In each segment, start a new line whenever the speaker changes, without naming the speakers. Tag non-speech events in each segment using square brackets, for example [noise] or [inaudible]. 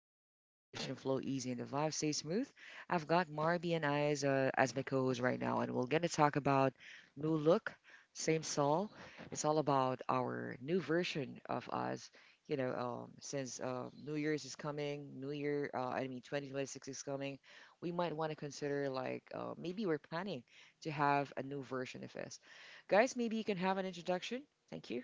zone where conversation flow easy and the vibe stay smooth. I've got Marby and I as my co-host right now, and we're gonna talk about new look, same soul. It's all about our new version of us. You know, since New Year's is coming, New Year, I mean 2026 is coming, we might want to consider maybe we're planning to have a new version of us. Guys, maybe you can have an introduction. Thank you.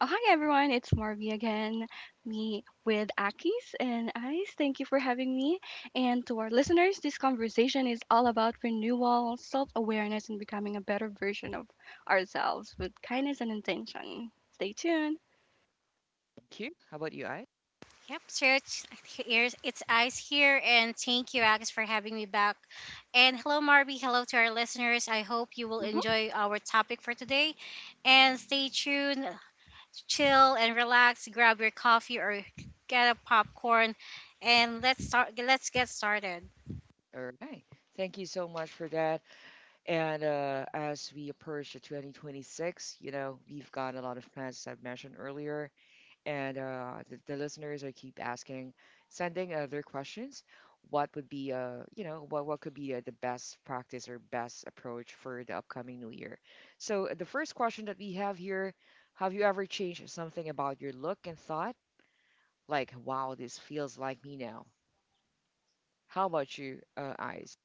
Oh, hi everyone, it's Marvy again, me with Akis and Ice. Thank you for having me. And to our listeners, this conversation is all about renewal, self awareness, and becoming a better version of ourselves with kindness and intention. Stay tuned.
Thank you. How about you, I?
Yep, so it's, [laughs] it's Ice here, and thank you, Alex, for having me back. And hello, Marby. Hello to our listeners. I hope you will
Hmm.
enjoy our topic for today. And stay tuned, chill and relax. Grab your coffee or get a popcorn, and Let's get started.
All right. Thank you so much for that. And as we approach the 2026, you know, we've got a lot of plans, as I've mentioned earlier. And the listeners, I keep asking, sending their questions. What would be, what could be the best practice or best approach for the upcoming new year? So the first question that we have here, have you ever changed something about your look and thought? Like, wow, this feels like me now. How about you, Eyes?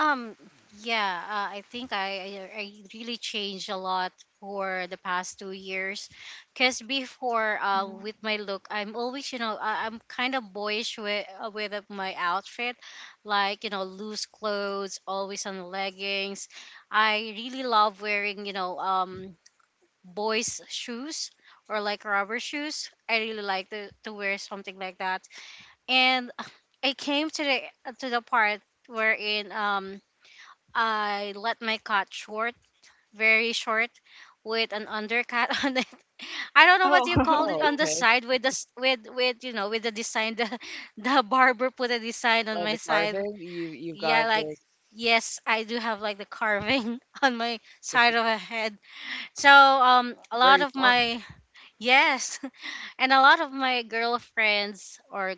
Um, yeah, I think I really changed a lot for the past 2 years. Cause before, with my look, I'm always, you know, I'm kind of boyish with my outfit, like you know, loose clothes, always on leggings. I really love wearing, you know, boys' shoes or like rubber shoes. I really like to wear something like that. And I came to the part wherein I let my cut short, very short, with an undercut [laughs] on it. I don't know what you call
Oh,
it
Oh,
on the
okay.
side with the with you know with the design. The [laughs] the barber put a design on
Love
my
the
side.
carving. You've
Yeah,
got
like
this
yes, I do have like the carving [laughs] on my side
[laughs]
of a head. So a lot
very
of
funk.
my yes, [laughs] and a lot of my girlfriends or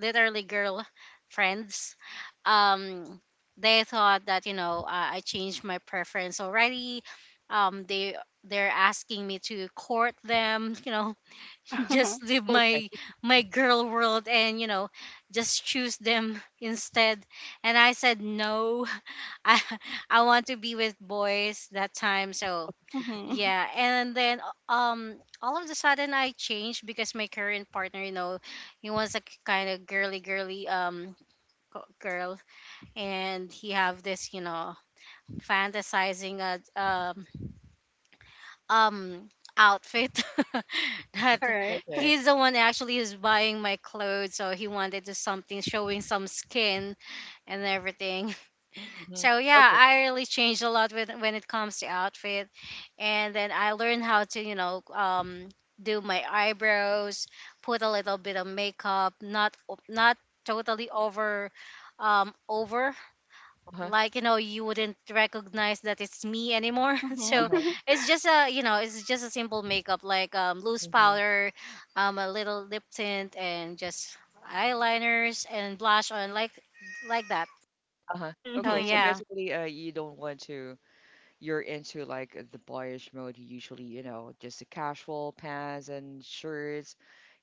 literally girl friends um they thought that you know I changed my preference already. They they're asking me to court them, you know, [laughs]
[laughs]
just leave
Okay,
my girl world and you know just choose them [laughs] instead, and I said no. [laughs] i I want to be with boys that time. So
mm-hmm.
yeah, and then uh, um all of a sudden I changed because my current partner, you know, he was a kind of girly girl, and he have this, you know, fantasizing um outfit [laughs] that
All right.
okay,
he's the one actually who's buying my clothes, so he wanted to something showing some skin and everything.
hmm
So yeah,
okay.
I really changed a lot with when it comes to outfit, and then I learned how to you know do my eyebrows, put a little bit of makeup, not not totally over, over
Uh huh.
like you know you wouldn't recognize that it's me anymore. [laughs]
Uh
Mm-hmm.
So
huh.
it's just a you know it's just a simple makeup like loose
hmm
powder, a little lip tint and just eyeliners and blush on like that.
Uh huh.
So
Okay. So
Mm-hmm.
yeah.
basically, you don't want to. You're into like the boyish mode. You usually, you know, just the casual pants and shirts.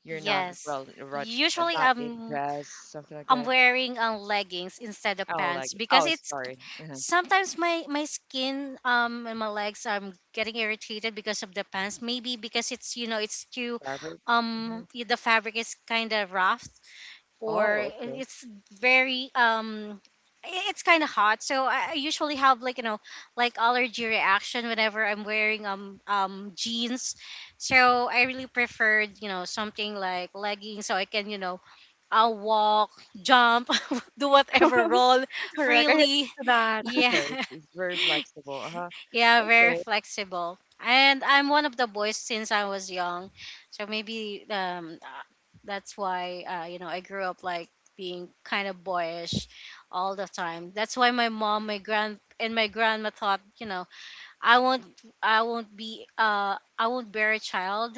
You're not
Yes.
well, right,
Usually
not in dress, something like
I'm
that.
wearing leggings instead of
Oh, like
pants because
oh,
it's
sorry. Uh-huh.
sometimes my skin and my legs I'm getting irritated because of the pants, maybe because it's you know it's too
Fabric. Mhm.
the fabric is kind of rough, or
Oh, okay.
it's very it's kind of hot, so I usually have like you know like allergy reaction whenever I'm wearing jeans. So I really preferred you know something like leggings so I can you know I'll walk, jump, [laughs] do
[laughs]
whatever,
Mhm. [laughs]
roll
Correct. I agree
freely.
to
[laughs]
that.
Yeah,
Okay. It's very flexible. Uh huh.
yeah, very
Okay.
flexible. And I'm one of the boys since I was young. So maybe that's why you know, I grew up like being kind of boyish all the time. That's why my mom, my grand and my grandma thought, you know, I won't I won't be I won't bear a child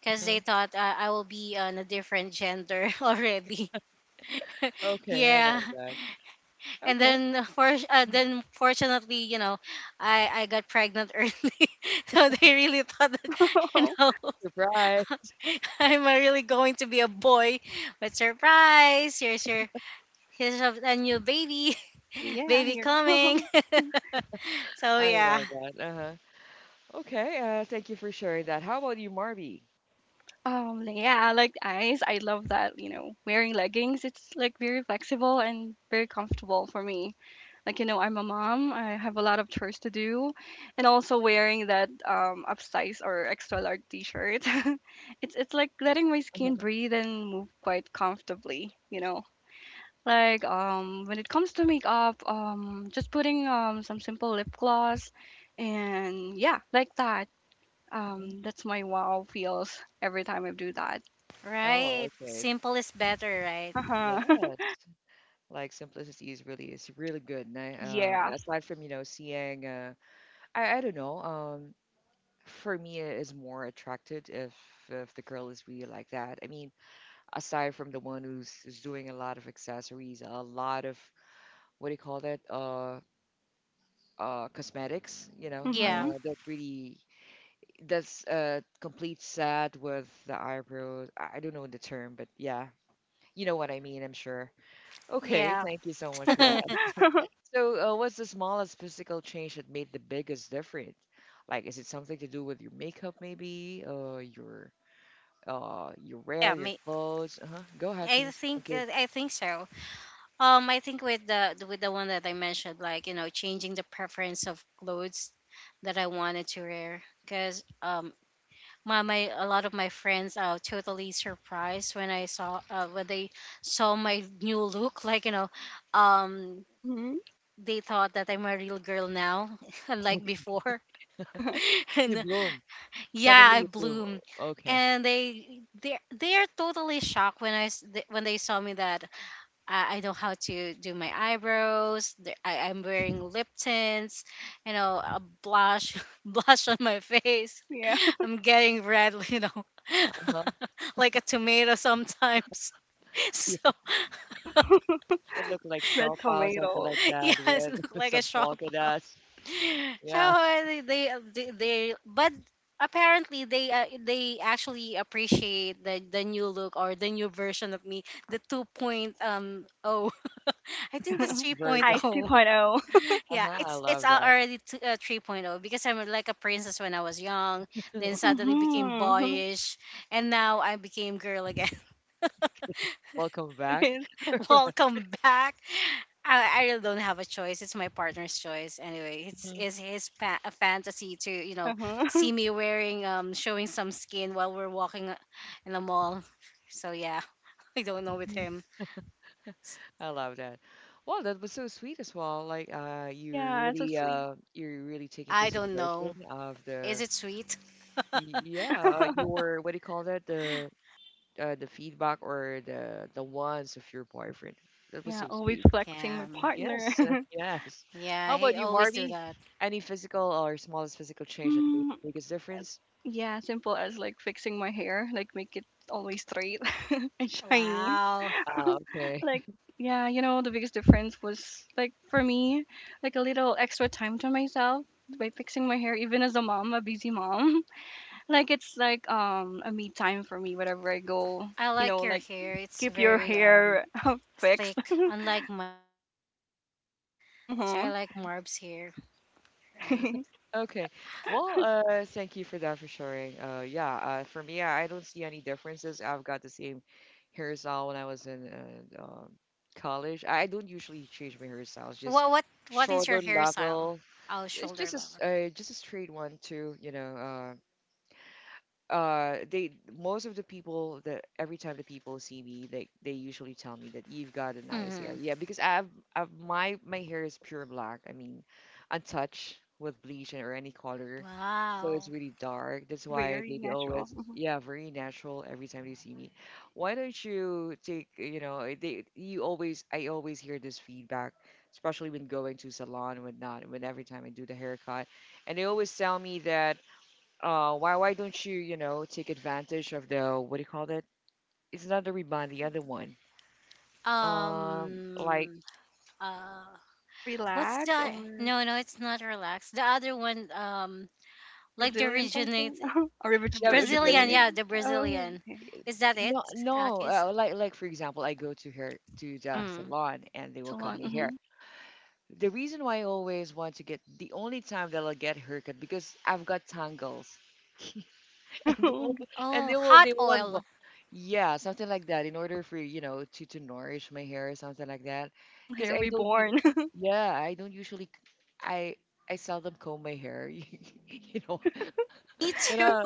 because they
Mhm.
thought I will be on a different gender [laughs] already. [laughs]
Okay. I
Yeah,
love that.
and
Okay.
then for then fortunately you know I got pregnant [laughs] early, so they really thought that you
[laughs]
know
Surprise.
[laughs] I'm really going to be a boy, but surprise, here's a new baby [laughs]
Yeah,
baby
here.
coming.
[laughs]
[laughs] So
I
yeah,
love that. Uh-huh. Okay, thank you for sharing that. How about you, Marby?
Yeah, I like eyes. I love that, wearing leggings. It's like very flexible and very comfortable for me. Like, I'm a mom. I have a lot of chores to do, and also wearing that upsize or extra large t-shirt. [laughs] It's like letting my skin
Uh-huh.
breathe and move quite comfortably. Like, when it comes to makeup, just putting some simple lip gloss and yeah, like that. That's my wow feels every time I do that.
Oh,
right,
okay.
simple is better, right?
Uh-huh.
Yes.
[laughs]
Like simplicity is really good. And I,
Yes.
aside from, you know, seeing uh, I don't know, for me it is more attracted if the girl is really like that. I mean, aside from the one who's doing a lot of accessories, a lot of what do you call that? Cosmetics, you know,
Yeah.
Mm-hmm.
that really that's a complete sad with the eyebrows. I don't know the term, but yeah, you know what I mean, I'm sure. Okay,
Yeah.
thank you so much
[laughs]
[laughs]
for
Yeah.
that. [laughs] So, what's the smallest physical change that made the biggest difference? Like, is it something to do with your makeup, maybe, or your wear, your
Me.
clothes? Uh-huh. Go ahead,
I
please. Thank
think
you.
I think so. I think with with the one that I mentioned, like you know, changing the preference of clothes that I wanted to wear, because my a lot of my friends are totally surprised when I saw when they saw my new look. [laughs] Like you know, um,
Mm-hmm.
they thought that I'm a real girl now, [laughs]
[laughs]
unlike
Okay.
before.
[laughs]
[laughs]
You
And
bloom.
yeah,
Suddenly
I
you bloom.
bloom,
O- Okay.
and they are totally shocked when when they saw me that I know how to do my eyebrows. I, I'm wearing lip tints, you know, a blush, [laughs] blush on my face.
Yeah.
I'm getting red, [laughs] you know,
Uh-huh.
[laughs] like a tomato sometimes. [laughs]
[laughs] You
So [laughs]
look like
[laughs] Red
Shaw Pao, something
tomato.
like that,
yes, look
with [laughs]
like a [laughs]
some
shop.
polka
[laughs]
dots.
So
Yeah.
but apparently they actually appreciate the new look or the new version of me, the 2.0 [laughs] I think that's
[laughs]
3.0.
Verse
Ice 2.0.
[laughs] Yeah,
uh-huh, I love that.
already 3.0 because I'm like a princess when I was young, then
[laughs]
suddenly became
Mm-hmm.
boyish, and now I became girl again. [laughs]
Welcome
[laughs] It
back.
is.
Welcome back. I really don't have a choice. It's my partner's choice anyway. It's
Mhm,
is a fantasy to you know
Uh-huh.
see me wearing showing some skin while we're walking in the mall. So yeah, [laughs] I don't know with
mhm.
him.
I love that. Well, that was so sweet as well. Like,
[laughs] Yeah, so sweet.
you're really taking
I don't
consideration
know.
of
Is
the,
it sweet?
y-
[laughs]
yeah, your what do you call that? The feedback or the wants of your boyfriend. That was
Yeah,
so
always
sweet.
flexing
Yeah,
my partner.
Yes,
[laughs]
yes.
yeah.
How
He
about you,
always do
Marby?
that.
Any physical or smallest physical change that made
Hmm.
the biggest difference?
Yeah, simple as like fixing my hair, like make it always straight [laughs] and shiny.
Wow,
Ah, okay.
Like, yeah, the biggest difference was like for me, like a little extra time to myself by fixing my hair, even as a mom, a busy mom. Like it's like a me time for me whenever I go,
I like your
like
hair. It's
keep your
very
hair [laughs] fixed.
thick. Unlike mine, it's very thin. So I
Hmm.
like Marb's hair. Right.
[laughs]
Okay. Well, thank you for that for sharing. Yeah. For me, I don't see any differences. I've got the same hairstyle when I was in uh, um college. I don't usually change my hairstyles. Just
What what what is your
shorter
hairstyle?
level.
Oh,
It's
shoulder
just a
level.
just a straight one too. You know. They Most of the people that every time the people see me they usually tell me that you've got a nice hair,
Hmm.
yeah, because I have, I have my my hair is pure black. I mean, untouched with bleach or any color, so it's
Wow.
really dark. That's why
Very
they
natural.
always, yeah, very natural every time they see me. Why don't you take, you know, eh, they you always I always hear this feedback, especially when going to salon and whatnot, when every time I do the haircut, and they always tell me that, why don't you, you know, take advantage of the what do you call that? It's not the rebound, the other one. Like
Um. Uh. What's
Relax
the?
or
No, no, it's not relaxed. The other one. Like the
resilient something.
originate.
[laughs] Or
yeah, because
Brazilian.
rejuvenating.
Yeah, the
Oh,
Brazilian.
okay.
Is that it,
no
Akis?
like for example, I go to her to the
Mm.
salon and they will cut
Salon.
me hair. The reason why I always want to get, the only time that I'll get haircut, because I've got tangles. [laughs] And they
Hmm.
will, and
Oh,
they will they
hot
will unblock.
oil.
Yeah, something like that. In order for, you know, to nourish my hair or something like that,
[laughs]
because
Hair
I don't you.
reborn. [laughs]
Yeah, I don't usually. I I seldom comb my hair. [laughs] You know,
Me
when
too.
I,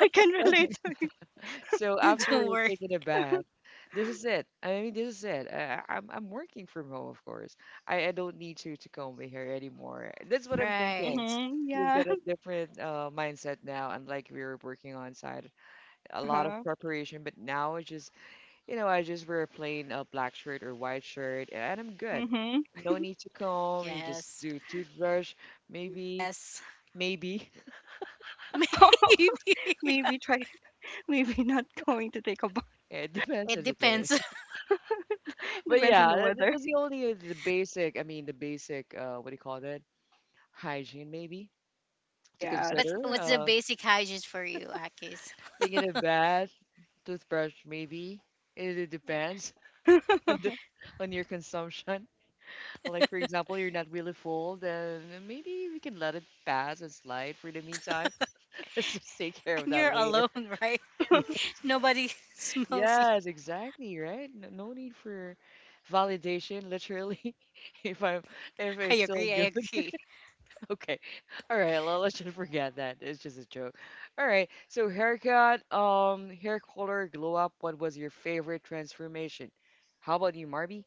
I can relate
[laughs]
to you.
so
[laughs]
after
Don't worry.
taking a bath, this is it. I mean, this is it. I'm working from home, of course. I don't need to comb my hair anymore. That's what I'm thinking.
Right.
Hmm.
We've
Yeah.
got a different mindset now, unlike we were working on site, a lot of
Uh-huh.
preparation, but now it's just, you know, I just wear a plain black shirt or white shirt and I'm good.
Hmm.
No need to comb. You just
Yes.
do toothbrush, maybe,
Yes.
maybe. [laughs]
[laughs]
[laughs]
Maybe.
maybe try Maybe not going to take a bath.
It depends
It
on the day.
depends.
[laughs]
But
Depends on
yeah,
the weather.
that's the only the basic. I mean, the basic. What do you call that? Hygiene, maybe to
[laughs]
Yes.
What's
consider.
what's the basic hygiene for you, Akis?
Taking a bath, toothbrush, maybe. It depends [laughs] on the,
[laughs]
on your consumption. Like, for example, you're not really full, then maybe we can let it pass and slide for the meantime. [laughs] Let's just take care of that
You're
later.
alone, right?
[laughs] Yeah.
Nobody [laughs] smells you.
Yes, exactly, right? N- No need for validation, literally, [laughs] if I'm if
I
I'm
agree.
still
I
good. [laughs]
agree.
Okay. All right, well, let's just forget that. It's just a joke. All right. So haircut, hair color, glow up. What was your favorite transformation? How about you, Marby?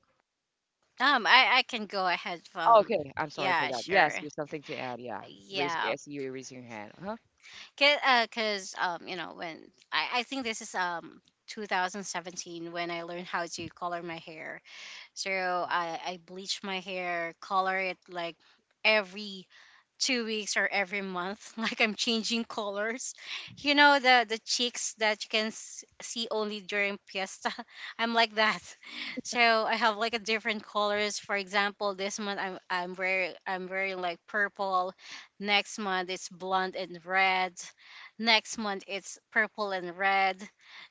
I can go ahead.
Oh, okay, I'm sorry for
Yeah,
that. Yes,
sure.
there's something to add. Yeah, raise. I
Yeah,
see you raising your hand. Uh-huh.
'cause, you know, when I think this is 2017 when I learned how to color my hair. So I bleach my hair, color it like every 2 weeks or every month, [laughs] like I'm changing colors. You know, the cheeks that you can see only during fiesta, [laughs] I'm like that. [laughs] So I have like a different colors. For example, this month I'm wearing like purple, next month it's blonde and red, next month it's purple and red.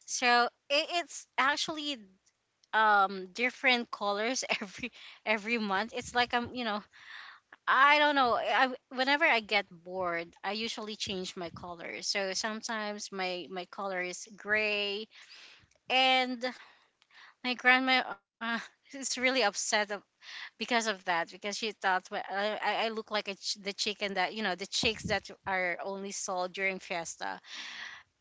So it's actually different colors [laughs] every month. It's like I'm you know I don't know. I Whenever I get bored, I usually change my color. So sometimes my my color is gray, and my grandma [laughs] is really upset of, because of that, because she thought well, I look like a the chicken that you know the chicks that are only sold during fiesta.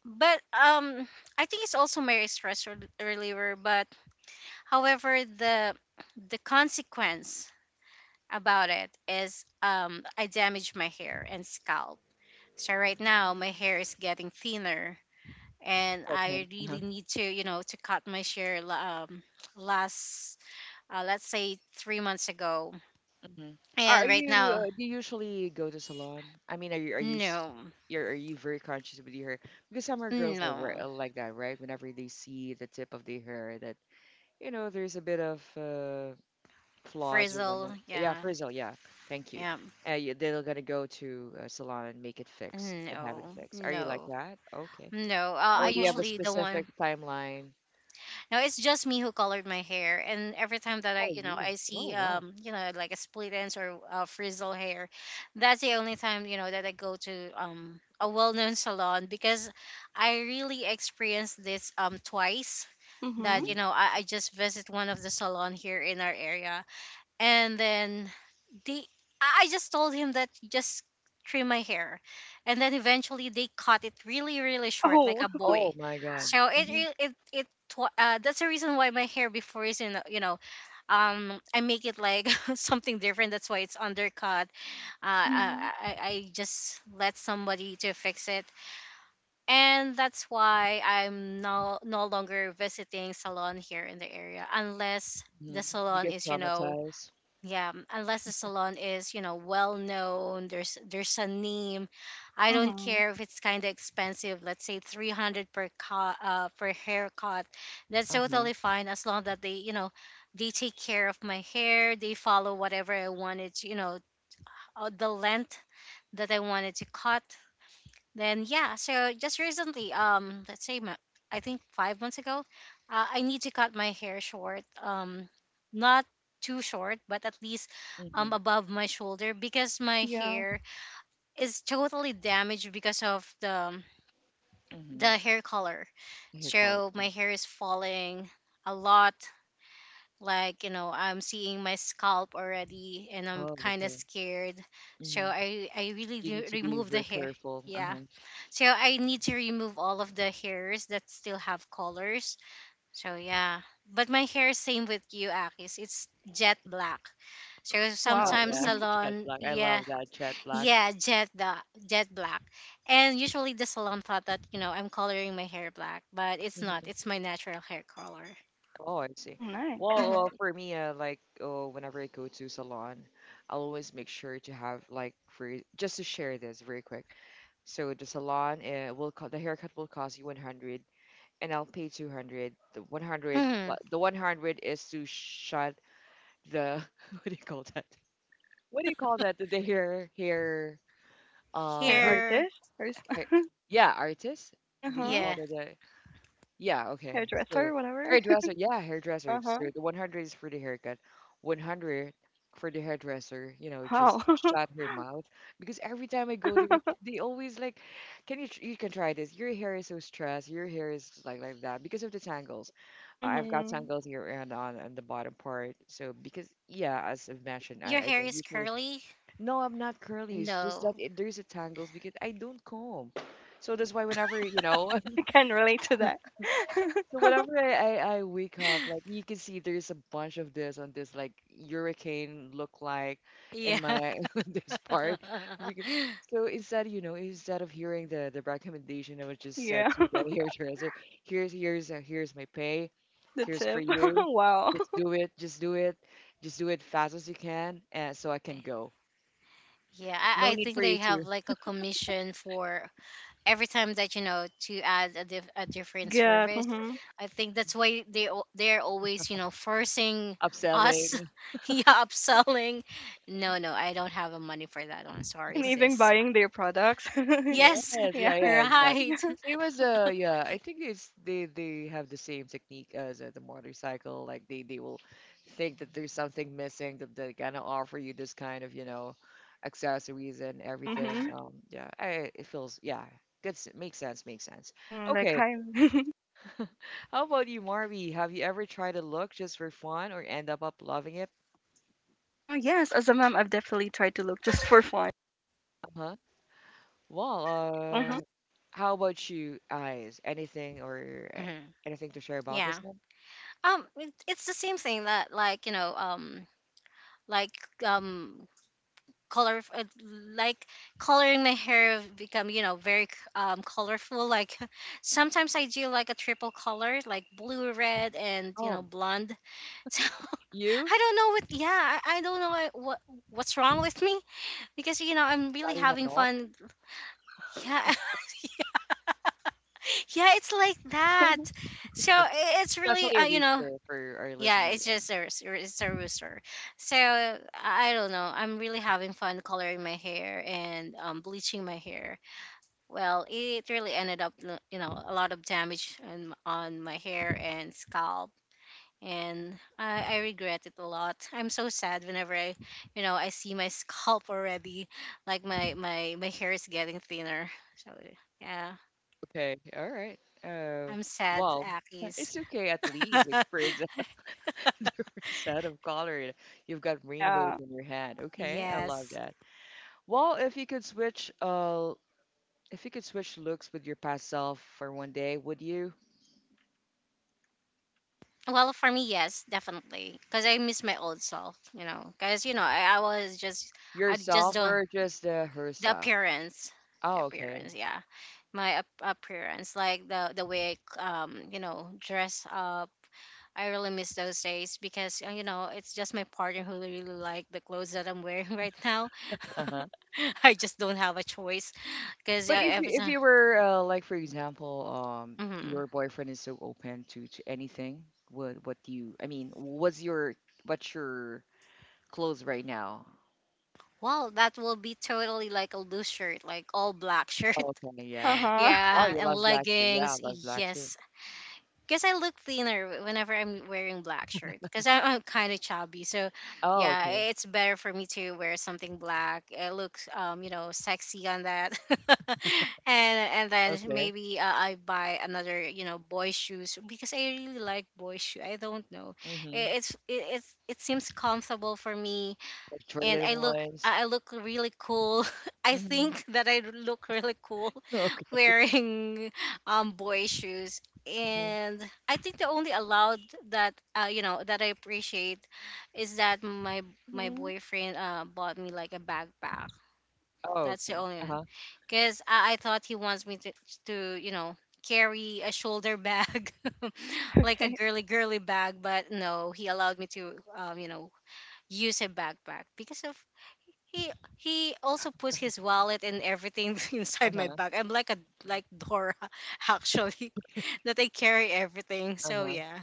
But I think it's also my reliever. But however, the consequence about it is I damage my hair and scalp. So right now my hair is getting thinner, and
Okay.
I
Uh-huh.
really need to, you know, to cut my hair la- last let's say 3 months ago.
Hmm. Are
And right
you
now
do you usually go to salon? I mean,
no.
you're, are you very conscious with your hair? Because some are girls are
No.
like that, right? Whenever they see the tip of the hair, that you know there's a bit of flaws or whatnot.
Frizzle,
Yeah,
yeah.
frizzle. Yeah, thank you.
Yeah.
Yeah, they're gonna go to a salon and make it fixed and have it
No.
fixed. Are you like
No.
that? Okay.
No. I
Or do you
Hmm.
have a
usually the
specific
one
timeline?
Now it's just me who colored my hair, and every time that
Oh,
you know,
you.
I
Oh,
see,
wow.
you know, like a split ends or frizzle hair, that's the only time, you know, that I go to a well-known salon because I really experienced this twice.
Mhm.
That you
Mhm.
know, I just visit one of the salon here in our area, and then they I just told him that just trim my hair, and then eventually they cut it really really short like
Oh.
a
[laughs]
boy.
Oh my God.
So it
Hmm
re- it tw- that's the reason why my hair before is in you know I make it like [laughs] something different, that's why it's undercut.
Mhm.
I just let somebody to fix it, and that's why I'm no longer visiting salon here in the area unless
hmm.
the
You
salon
get
is you know.
traumatized.
Yeah, unless the salon is, you know, well known, there's a name. I don't
Mhm.
care if it's kind of expensive, let's say 300 per cut, per haircut. That's
Uh-huh.
totally fine as long that they, you know, they take care of my hair, they follow whatever I wanted, to, you know, the length that I wanted to cut. Then yeah, so just recently, I think 5 months ago, I need to cut my hair short. Not too short, but at least
Mm-hmm.
above my shoulder because my
Yeah.
hair is totally damaged because of
Mm-hmm.
the hair color.
I hear crawler.
So my hair is falling a lot. Like you know, I'm seeing my scalp already, and I'm
Oh,
kind of
okay.
scared. So
Mm-hmm.
I really
You need
do
to be
remove the
very
hair.
careful.
Yeah.
Uh-huh.
So I need to remove all of the hairs that still have colors. So yeah. But my hair same with you, Akis. It's jet black. So
Oh
Wow.
sometimes
yeah,
Mhm.
[laughs] jet
salon,
black. I
yeah,
love that jet black.
yeah, jet the jet black. And usually the salon thought that, you know, I'm coloring my hair black, but it's not. It's
Mm-hmm.
my natural hair color.
Oh, I see.
Oh, nice.
Well,
Mhm.
for me, like, oh, whenever I go to salon, I'll always make sure to have like free. Just to share this very quick. So the salon, the haircut will cost you 100, and I'll pay 200. The 100, well,
Hmm
the 100 is to shut the [laughs] what do you call that? What do you call that? The uh
Hair
hair,
Here,
artist. [laughs]
hair yeah, artist? Did you
Uh-huh.
call
yeah.
that the yeah, okay. So
Hairdresser, whatever.
hairdresser, yeah,
[laughs]
hairdresser.
Uh-huh.
So the 100 is for the haircut, 100 for the hairdresser, you know,
Wow.
just to shut her mouth. Because every time I go there, it-
[laughs]
they always like, can you you can try this. Your hair is so stressed, your hair is like that because of the tangles. I've got
Mhm.
tangles here and on the bottom part. So because yeah, as I've
Your
mentioned, I,
hair
I
is
don't usually
curly?
no, I'm not curly. It's
No.
just that it, there's a tangles because I don't comb. So that's why whenever, you know,
I
[laughs]
can relate to that.
so
[laughs]
whenever I wake up, like you can see there's a bunch of this on this like hurricane look like in
Yeah.
my [laughs] this part. Because- So instead, you know, instead of hearing the recommendation, I was just said
Yeah.
to the
[laughs]
[laughs] hairdresser, here's my pay,
The
here's for
tip. [laughs]
you.
Wow.
Just do it, just do it fast as you can, and so I can
[laughs]
go.
Yeah.
No
I
need
think
for you
they
to
have like a commission for every time that you know to add a, a
I
different
get.
service.
Mhm.
I think that's why they're always, you know, forcing us,
upselling
[laughs] yeah, upselling. No, no, I don't have the money for that one. Sorry,
And even
sis.
buying their products.
Yes,
[laughs]
yes,
Yeah.
yeah,
[laughs]
yeah, exactly.
right.
Same as yeah, I think it's they have the same technique as the motorcycle. Like they will think that there's something missing that they're gonna offer you this kind of, you know, accessories and everything.
Mhm.
Yeah, I, it feels yeah, good. Makes sense, makes sense.
Mhm. Like
Okay,
hi. [laughs]
how about you, Marby? Have you ever tried a look just for fun or end up up loving it?
Yes, as a mom, I've definitely tried to look just for fun.
Uh-huh. Well,
Mhm.
how about you, Eyes? Anything or
Mhm.
anything to share about
Yeah.
this one?
It's the same thing that, like, you know, like um color, like coloring my hair become, you know, very colorful. Like [laughs] sometimes I do like a triple color, like blue, red, and, you know,
Oh.
blonde. [laughs] so
You?
i don't know what yeah I don't know what what's wrong with me, because you know I'm really
Starting my
having
north.
fun. Yeah
[laughs]
[laughs] yeah, it's like that. So
Okay.
it's really,
Especially a
you know,
rooster for our
yeah,
listener.
it's
Yeah.
just it's a rooster. So I don't know, I'm really having fun coloring my hair and, bleaching my hair. Well, it really ended up, you know, a lot of damage on my hair and scalp. And I regret it a lot. I'm so sad whenever you know, I see my [laughs] scalp already. Like my hair is getting thinner. So, yeah,
Okay. All right.
I'm sad,
Well,
Akis.
it's
[laughs]
okay at least you experience a [laughs] different set of color. You've got rainbows
Yeah.
in your head. Okay, I love
Yes.
that. Well, if you could switch, if you could switch looks with your past self for 1 day, would you?
Well, for me, yes, definitely, because I miss my old self, you know. Because you know, I was just, I just
Yourself
don't
or just
the
herself?
appearance, the
Oh, okay.
appearance, yeah. My appearance, like the way I, you know, dress up. I really miss those days because, you know, it's just my partner who really like the clothes that I'm wearing [laughs] right now.
Uh-huh.
[laughs] I just don't have a choice because,
But if you
every
if
time.
you were like for example,
Mhm.
your boyfriend is so open to anything, what do you? I mean, what's your clothes right now?
Well, that will be totally like a loose shirt, like all black shirt.
Oh, okay, yeah.
[laughs]
Uh-huh.
Oh,
yeah,
you
and
love black too. Yeah, I
leggings.
love black too.
Yes, because I look thinner whenever I'm wearing black shirt because I'm kind of chubby. So,
Oh,
yeah,
okay,
it's better for me to wear something black. It looks, you know, sexy on that. [laughs] And then
okay.
maybe, I buy another, you know, boy shoes because I really like boy shoe. I don't know.
Mhm.
It seems comfortable for me,
Like
and
traded ones.
I look really cool. [laughs] I
Mhm.
think that I look really cool
[laughs]
[laughs]
Okay.
wearing boy shoes.
Mhm.
And I think the only allowed that, you know, that I appreciate is that my
Mhm.
boyfriend, bought me like a backpack.
Oh,
That's the
okay.
only
Uh
one,
huh.
because I thought he wants me to, you know, carry a shoulder bag, [laughs] like a
[laughs] Okay.
girly girly bag. But no, he allowed me to, you know, use a backpack because of he he also puts his wallet and everything [laughs]
Uh
inside my
huh.
bag. I'm like a like Dora [laughs] actually, that I carry everything.
Uh
So
huh.
yeah.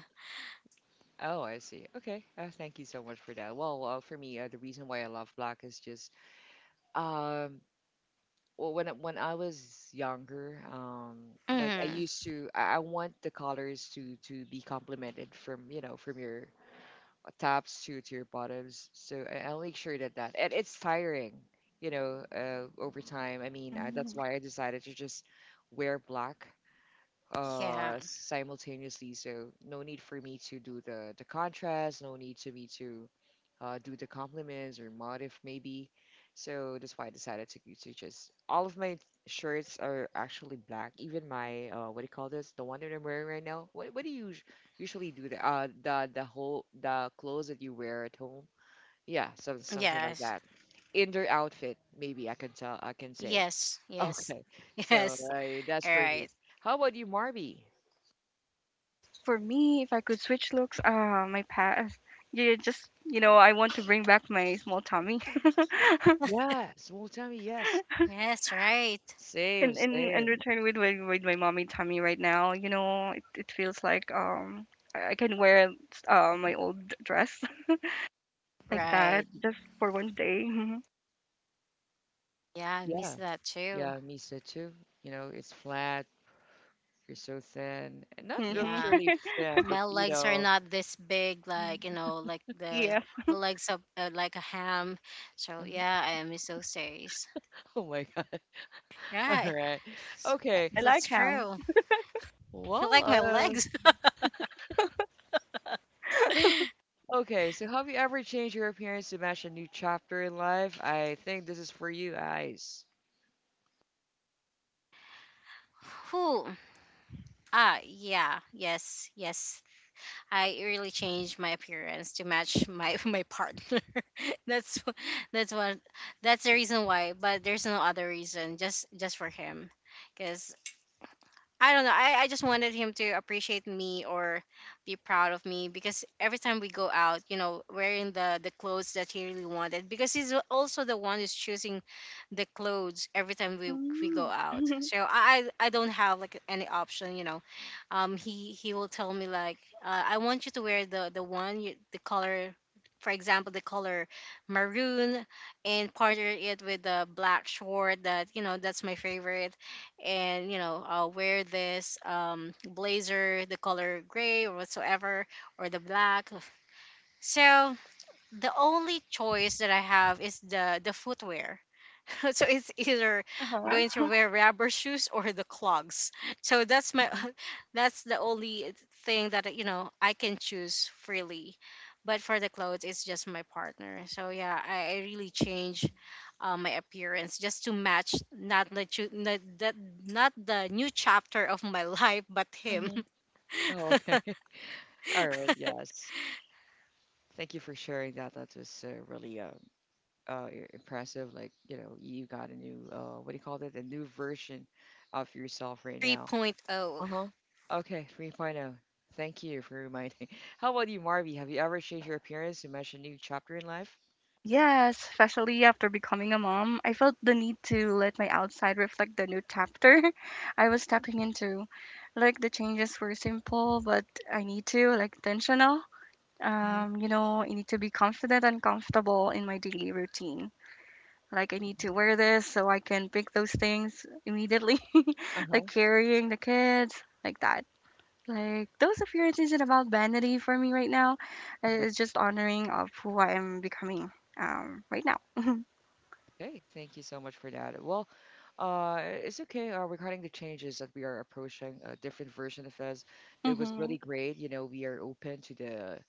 Oh, I see. Okay. Thank you so much for that. Well, for me, the reason why I love black is just um well, when when I was younger, like I
hmm
used to, I want the colors to be complemented from your tops to your bottoms. So I'll make sure that and it's tiring, you know, over time. I mean,
Mhm.
that's why I decided to just wear black
Yeah.
simultaneously, so no need for me to do the contrast, no need to me to do the compliments or motif maybe. So that's why I decided to just all of my shirts are actually black, even my what do you call this, the one that I'm wearing right now, what do you usually do the whole the clothes that you wear at home, yeah something like
Yes.
that, indoor outfit maybe I can say.
Yes.
[laughs]
Yes.
Okay,
[laughs]
so
Yes.
that's
All
for me.
right.
How about you, Marby?
For me, if I could switch looks, my past, yeah, just I want to bring back my small tummy, [laughs]
Yeah, small tummy, yes.
Yes. Right.
Same,
and
same.
return with my mommy tummy right now. You know, it feels like I can wear my old dress [laughs] like that
Right.
just for one day.
Yeah. I miss
Yeah,
that too.
yeah, me so too. You know, it's flat, you're so thin. And not
Mm-hmm.
Yeah.
literally
[laughs]
thin, but
My
you
legs are
know.
not this big, like you
[laughs]
know, like
Yes,
the legs of, like a ham. So
Mhm.
yeah, I miss those days.
Oh my God. [laughs] All
Right.
right. Okay.
I like
That's
ham.
true. [laughs] You
Well,
like my legs? [laughs]
okay. So have you ever changed your appearance to match a new chapter in life? I think this is for you, Ice.
Who? Ah, yeah, yes, yes. I really changed my appearance to match my [laughs] my partner. [laughs] that's wh- that's one. That's the reason why. But there's no other reason. Just for him, because I don't know. I just wanted him to appreciate me or be proud of me, because every time we go out, you know, wearing the clothes that he really wanted, because he's also the one who's choosing the clothes every time we go
Mm.
out.
[laughs]
So I don't have like any option, you know. He will tell me like, I want you to wear the one you, the color. For example, the color maroon, and partner it with the black short that you know that's my favorite, and you know I'll wear this, um, blazer the color gray or whatsoever, or the black. So the only choice that I have is the footwear. [laughs] so it's either
Uh
I'm going to
huh.
wear rubber shoes or the clogs. So that's my [laughs] that's the only thing that, you know, I can choose freely. But for the clothes, it's just my partner. So yeah, I really change, my appearance just to match not not not the new chapter of my [laughs] life, but him.
Mm-hmm. Oh, okay.
[laughs]
All right. Yes. Thank you for sharing that. That was really impressive. Like, you got a new, what do you call it? A new version of yourself right now.
3.0.
Uh huh. Okay, 3.0. Thank you for reminding. [laughs] How about you, Marvy? Have you ever changed your appearance to match a new chapter in life?
Yes, especially after becoming a mom, I felt the need to let my outside reflect the new chapter [laughs] I was stepping into. Like the changes were simple, but I need to like intentional.
Mhm.
I need to be confident and comfortable in my daily routine. Like I need to wear this so I can pick those things immediately, [laughs]
Uh-huh.
like carrying the kids, like that. Like those appearances isn't about vanity for me right now. It's just honoring of who I am becoming right now.
Okay, thank you so much for that. Well, it's okay. Regarding the changes that we are approaching, a different version of us, that was
Mhm.
really great. You know, we are open to the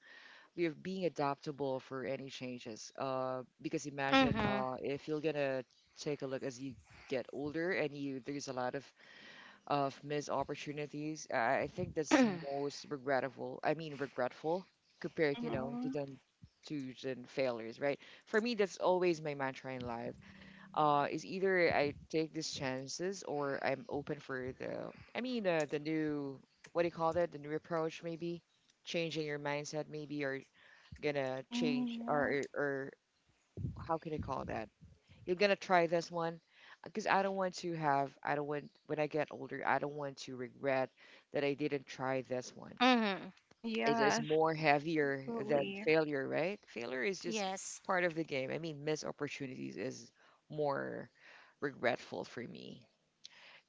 we are being adaptable for any changes. Because imagine
Mm-hmm.
if you're gonna take a look as you get older and you there's a lot of missed opportunities. I think that's most regrettable. I mean regretful compared, to
Mhm.
then to then failures, right? For me, that's always my mantra in life. Is either I take these chances or I'm open for the. I mean the new, what do you call that? The new approach maybe, changing your mindset maybe, or gonna change
Mm, yeah.
or how can I call that? You're gonna try this one because I don't want when I get older I don't want to regret that I didn't try this one.
[clears throat] mm-hmm.
It is
Yeah,
more heavier than
absolutely.
failure, right? Failure is just
Yes.
part of the game. I mean, missed opportunities is more regretful for me.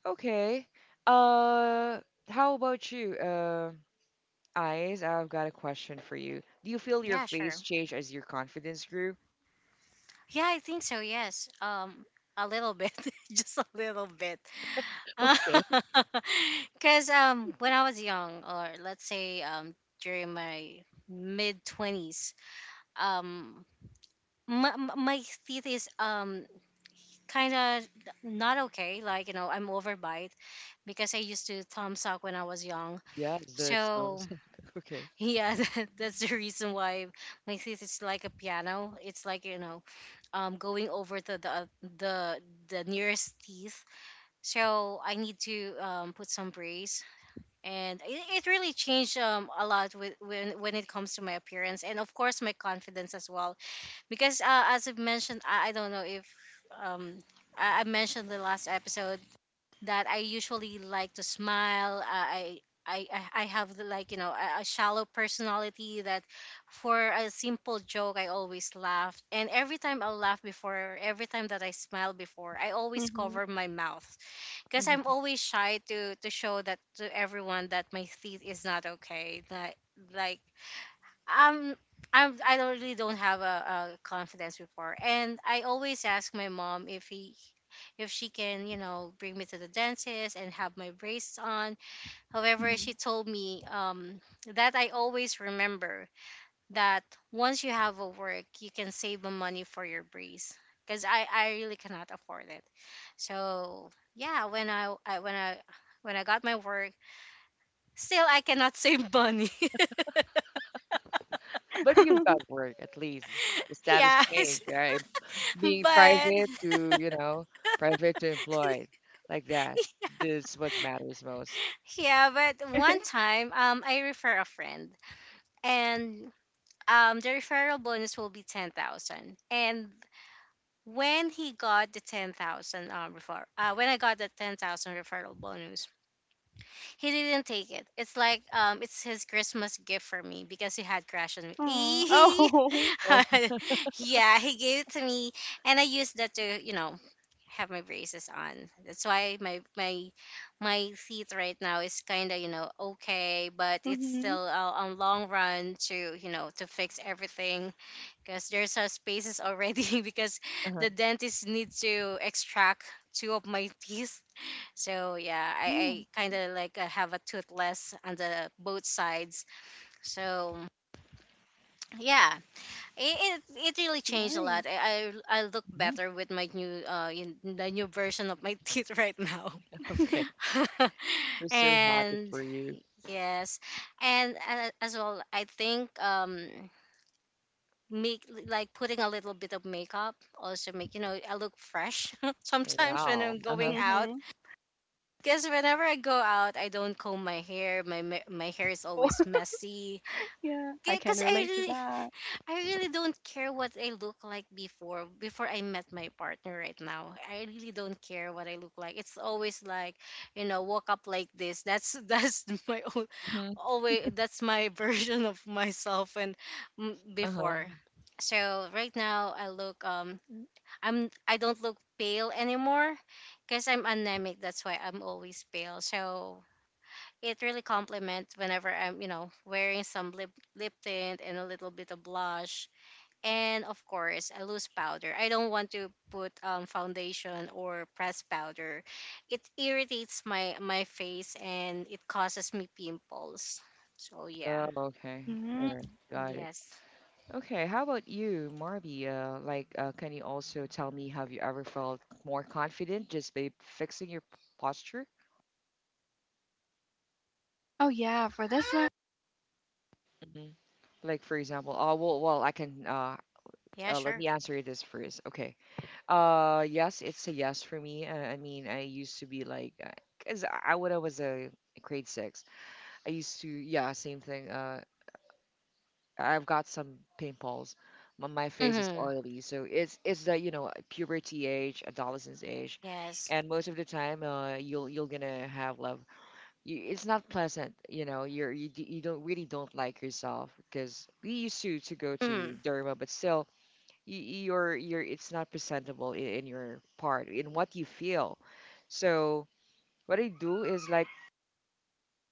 Okay. Uh, how about you? Eyes, I've got a question for you. Do you feel your
Yeah,
face
sure.
change as your confidence grew?
Yeah, I think so. Yes. A little bit, [laughs] just a little bit.
[laughs] Okay.
[laughs] Because when I was young, or let's say during my mid twenties, um, my teeth is kind of not okay. Like you know, I'm overbite because I used to thumbs up when I was young.
Yeah, so it
So
sounds [laughs] okay.
yeah, [laughs] that, that's the reason why my thesis is like a piano. It's like, you know, going over to the the the nearest teeth. So I need to, put some brace, and it really changed, a lot with when it comes to my appearance, and of course my confidence as well. Because, as I've mentioned, I don't know if um I mentioned the last episode that I usually like to smile. I have the, like you know, a shallow personality that for a simple joke I always laugh, and every time I laugh before every time that I smile before I always
Mhm.
cover my mouth because I'm
Hmm.
always shy to show that to everyone that my teeth is not okay, that like um I don't really don't have a confidence before, and I always ask my mom if he if she can, you know, bring me to the dentist and have my braces on. However, she
Mhm.
told me, that I always remember that once you have a work, you can save the money for your brace, because I really cannot afford it. So yeah, when I when I when I got my work, still I cannot save money.
But you've got
[laughs]
work at least. The
[laughs]
status
yes,
changed, right?
[laughs]
Being
but
private to employed, like that. This is what matters most.
yeah, but one time, I refer a friend, and the referral bonus will be 10,000. And when he got the 10,000 when I got the 10,000 referral bonus, he didn't take it. It's like, it's his Christmas gift for me because he had crashed on
Aw,
me.
oh. [laughs]
Oh,
Eehee. [laughs] yeah, he gave it to me, and I used that to you know have my braces on. That's why my teeth right now is kind of, you know, okay, but it's
Mhm.
still, on long run to, you know, to fix everything, because there's a spaces already, [laughs] because
uh-huh.
the dentist needs to extract two of my teeth. So yeah,
Mm,
I kind of like, have a toothless on the both sides. So yeah, it really changed a
nice.
lot. I look
Hmm.
better with my new in the new version of my [laughs] teeth right now,
[laughs] Okay.
[laughs]
We're so happy
and
for you.
yes, and, as well I think make like putting a little bit of makeup also make you know I look fresh [laughs] sometimes when
Wow.
I'm
Uh-huh.
going out,
Mhm.
because whenever I go out I don't comb my hair, my hair is
Oh,
always
[laughs]
messy
yeah. I can
because
relate to that.
I really don't care what I look like before before I met my partner right now. I really don't care what I look like. It's always like, you know, woke up like this. That's [laughs] that's my own
Hmm.
always, that's my [laughs] version of myself and mm,
Uh-huh.
before. So right now I look I don't look pale anymore because I'm anemic. That's why I'm always pale. So it really complements whenever I'm, you know, wearing some lip tint and a little bit of blush, and of course a loose powder. I don't want to put, foundation or pressed powder, it irritates my my face and it causes me pimples. So yeah.
Oh, okay. All right.
Mm.
Got it.
Yes.
Okay. How about you, Marby? Like, can you also tell me, have you ever felt more confident just by fixing your posture?
Oh yeah, for this one.
Like for example, well, I can
Yeah,
let
sure.
me answer you this first. Okay. Yes, it's a yes for me. I mean, I used to be like, cause I when I was a grade six, I used to, yeah, same thing. I've got some pimples. My face is
Mm-hmm.
oily, so it's the puberty age, adolescence age,
Yes.
and most of the time, you'll gonna have like, it's not pleasant, you're you don't really don't like yourself because we used to go to
Mm-hmm.
derma but still, you're it's not presentable in your part in what you feel, so what I do is like,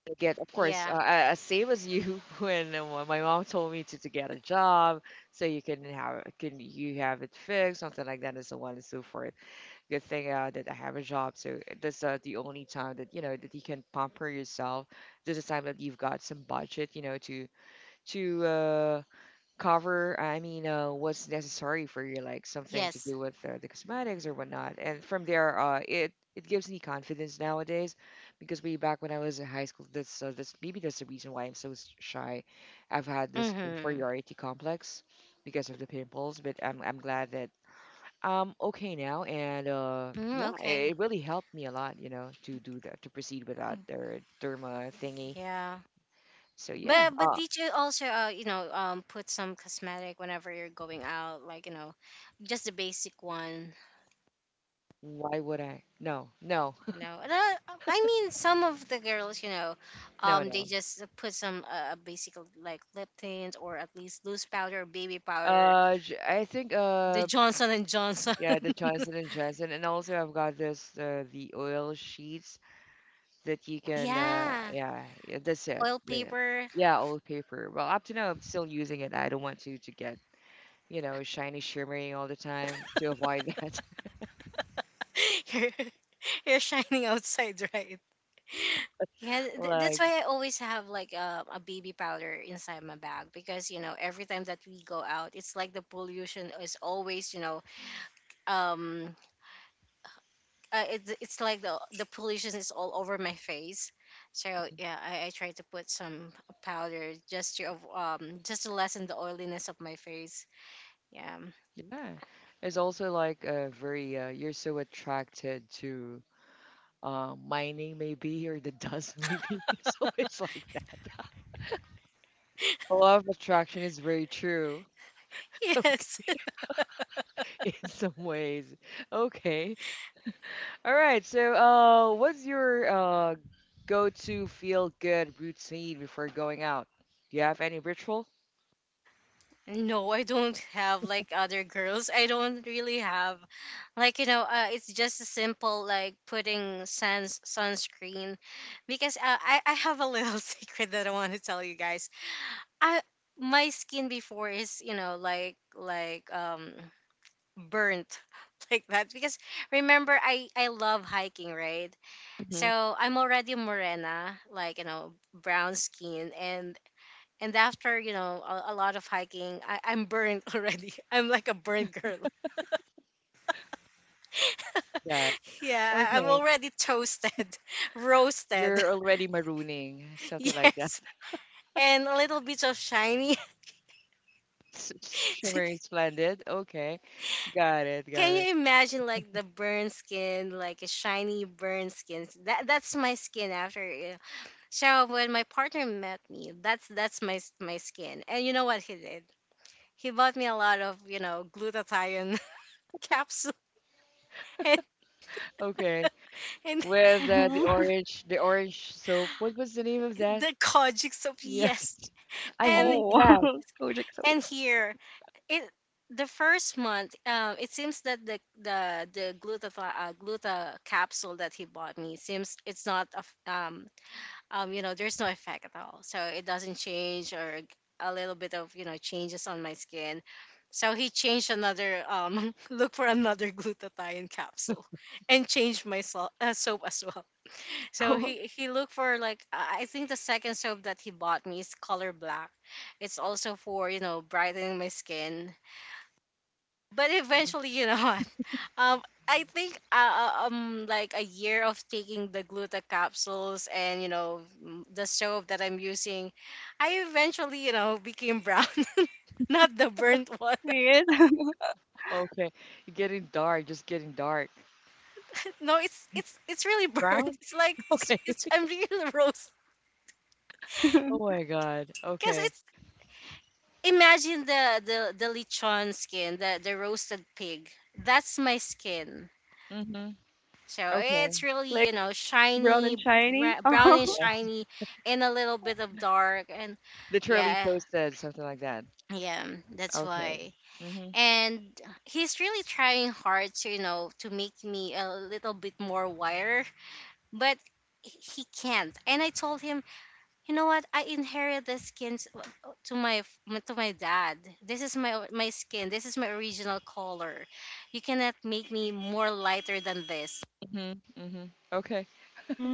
I get of course
Yeah.
same as you, [laughs] when my mom told me to get a job so you can have can you have it fixed, something like that and so on and so forth. Good thing that I have a job, so that's the only time that you can pamper yourself. This is time that you've got some budget, to cover. I mean, what's necessary for you, like something to
Yes.
do with the cosmetics or whatnot. And from there, it gives me confidence nowadays, because way back when I was in high school, that's maybe that's the reason why I'm so shy. I've had this
Mm-hmm.
inferiority complex because of the pimples, but I'm glad that I'm okay now, and
Mm,
yeah, it
okay.
it really helped me a lot, you know, to do that, to proceed without their derma thingy.
Yeah,
So yeah,
but did you also, put some cosmetic whenever you're going out, like, just the basic one,
why would I? No, no,
and I mean some of the girls,
[laughs] no,
they
no.
just put some basic, like lip tint or at least loose powder, baby powder,
I think
the Johnson and Johnson. [laughs]
yeah, the Johnson and Johnson, and also I've got this the oil sheets that you can
Yeah,
yeah, yeah, that's it.
oil
Yeah,
paper.
yeah, old paper. Well, up to now I'm still using it. I don't want to get shiny shimmering all the time to avoid that.
[laughs] you're, you're shining outside, [laughs] right? Yeah,
[laughs]
that's
Like,
why I always have, like, a baby powder inside my bag because, you know, every time that we go out it's like the pollution is always, um it's like the pollution is all over my face. So yeah, I try to put some powder just to just to lessen the oiliness of my face. Yeah. [laughs]
yeah, it's also like a very you're so attracted to mining maybe or the dust maybe. [laughs] So it's like that. The law of attraction is very true. [laughs] Okay,
Yes.
in some ways. Okay, all right. So, what's your go-to feel-good routine before going out? Do you have any ritual?
No, I don't have, like, other girls. I don't really have, like, it's just a simple, like, putting sans sunscreen, because I have a little [laughs] secret that I want to tell you guys. I, my skin before is, like, burnt, [laughs] like that, because remember I love hiking, right?
Mm-hmm.
So I'm already morena, like, brown skin, and after, a lot of hiking, I'm burnt [laughs] already, I'm like a burnt girl.
Yeah.
[laughs] Yeah, I'm
Okay.
already toasted, [laughs] roasted.
You're already marooning,
[laughs]
something like that.
Yes, and a little bit of shiny.
[laughs] S- Shimmering
[laughs]
splendid. Okay. Got it. Got
Can
it.
you imagine like the burn skin, like a shiny burn skin? That's my skin after. Yeah. So when my partner met me, that's my skin. And you know what he did? He bought me a lot of, glutathione [laughs] capsule, and,
Okay.
and
With the
Mhm. [laughs]
orange, the orange soap. What was the name of that?
the kojic soap.
Yes.
Yes,
[laughs] I
and
hate
Oh,
that.
[laughs] Kojic soap.
and here, it, the first month. It seems that the glutathione, gluta capsule that he bought me, seems it's not you know, there's no effect at all. So it doesn't change or a little bit of, changes on my skin. So he changed another, [laughs] look for another glutathione capsule, [laughs] and changed soap as well. [laughs] So
Oh,
he looked for, like, I think the second soap that he bought me is color black. It's also for, brightening my skin. But eventually, you know, [laughs] Um, I think, like a year of taking the gluta capsules and, the soap that I'm using, I eventually, you know, became brown, [laughs] not the burnt one.
see
[laughs]
it? [laughs]
Okay. Getting dark, just getting dark.
No, it's really [laughs] burnt.
Brown?
It's like,
[laughs] Okay.
it's I'm really [laughs] roast,
Oh my God.
because
Okay.
it's, imagine the lechon skin, the roasted pig. That's my skin.
Mm-hmm.
So
Okay.
it's really,
Like brown
shiny,
and shiny. [laughs]
brown
Oh.
and
Yes.
shiny, and a little bit of dark. And
Literally
yeah,
toasted, something like that.
yeah, that's
Okay.
why.
Mm-hmm.
And he's really trying hard to, to make me a little bit more wire, but he can't. And I told him, you know what? I inherited the skins, uh, to my to my dad. This is my skin. This is my original color. You cannot make me more lighter than this.
Mm-hmm. Mm-hmm. Okay.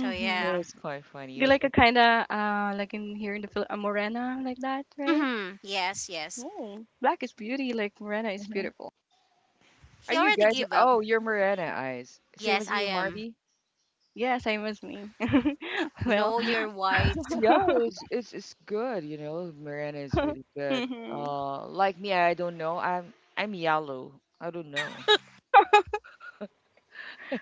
So
That
yeah.
was quite funny.
Be like a
Okay.
kind of like in here in the a morena like that, right?
Hmm. Yes, yes.
Oh, black is beauty, like Morena is
Mm-hmm.
beautiful.
Are
He
you
already
guys?
gave up.
Oh, you're Morena eyes. Same
Yes,
as
I
you,
am.
Marby.
Yes, I must me. [laughs] Well,
No, you're
[laughs]
white.
Yeah, it's good, you know. Miranda is really good.
mhm.
Like me, I don't know. I'm yellow. I don't know.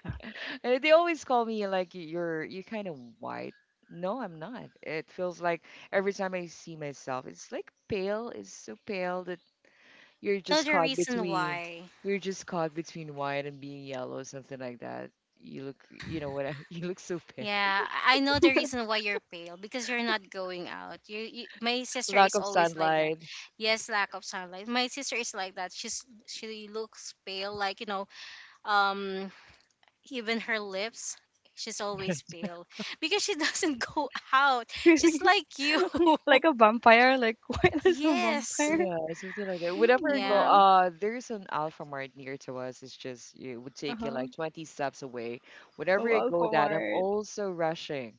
[laughs] And they always call me like, "Y- you're you kind of white." No, I'm not. It feels like every time I see myself, it's like pale. It's so pale that you're
Know
just
the
caught
reason
between
why.
you're just caught between white and being yellow, something like that. You look, you know what? [laughs] You look so pale.
Yeah, I know the reason why you're pale, because you're not going out. You, my sister
Lack
is
of
always like that.
sunlight.
Yes, lack of sunlight. My sister is like that. She looks pale, like, um, even her lips. She's always pale because she doesn't [laughs] go out. She's
[laughs]
like you.
Like a vampire, like [laughs] what is a
[laughs] Yes.
vampire?
Yeah, something like that. Whenever I go,
Yeah.
Mm,
there's an Alfamart near to us. It's just it would
uh
take you
huh.
like 20 steps away.
Oh,
Whenever I go that, I'm
Alfamart.
also rushing.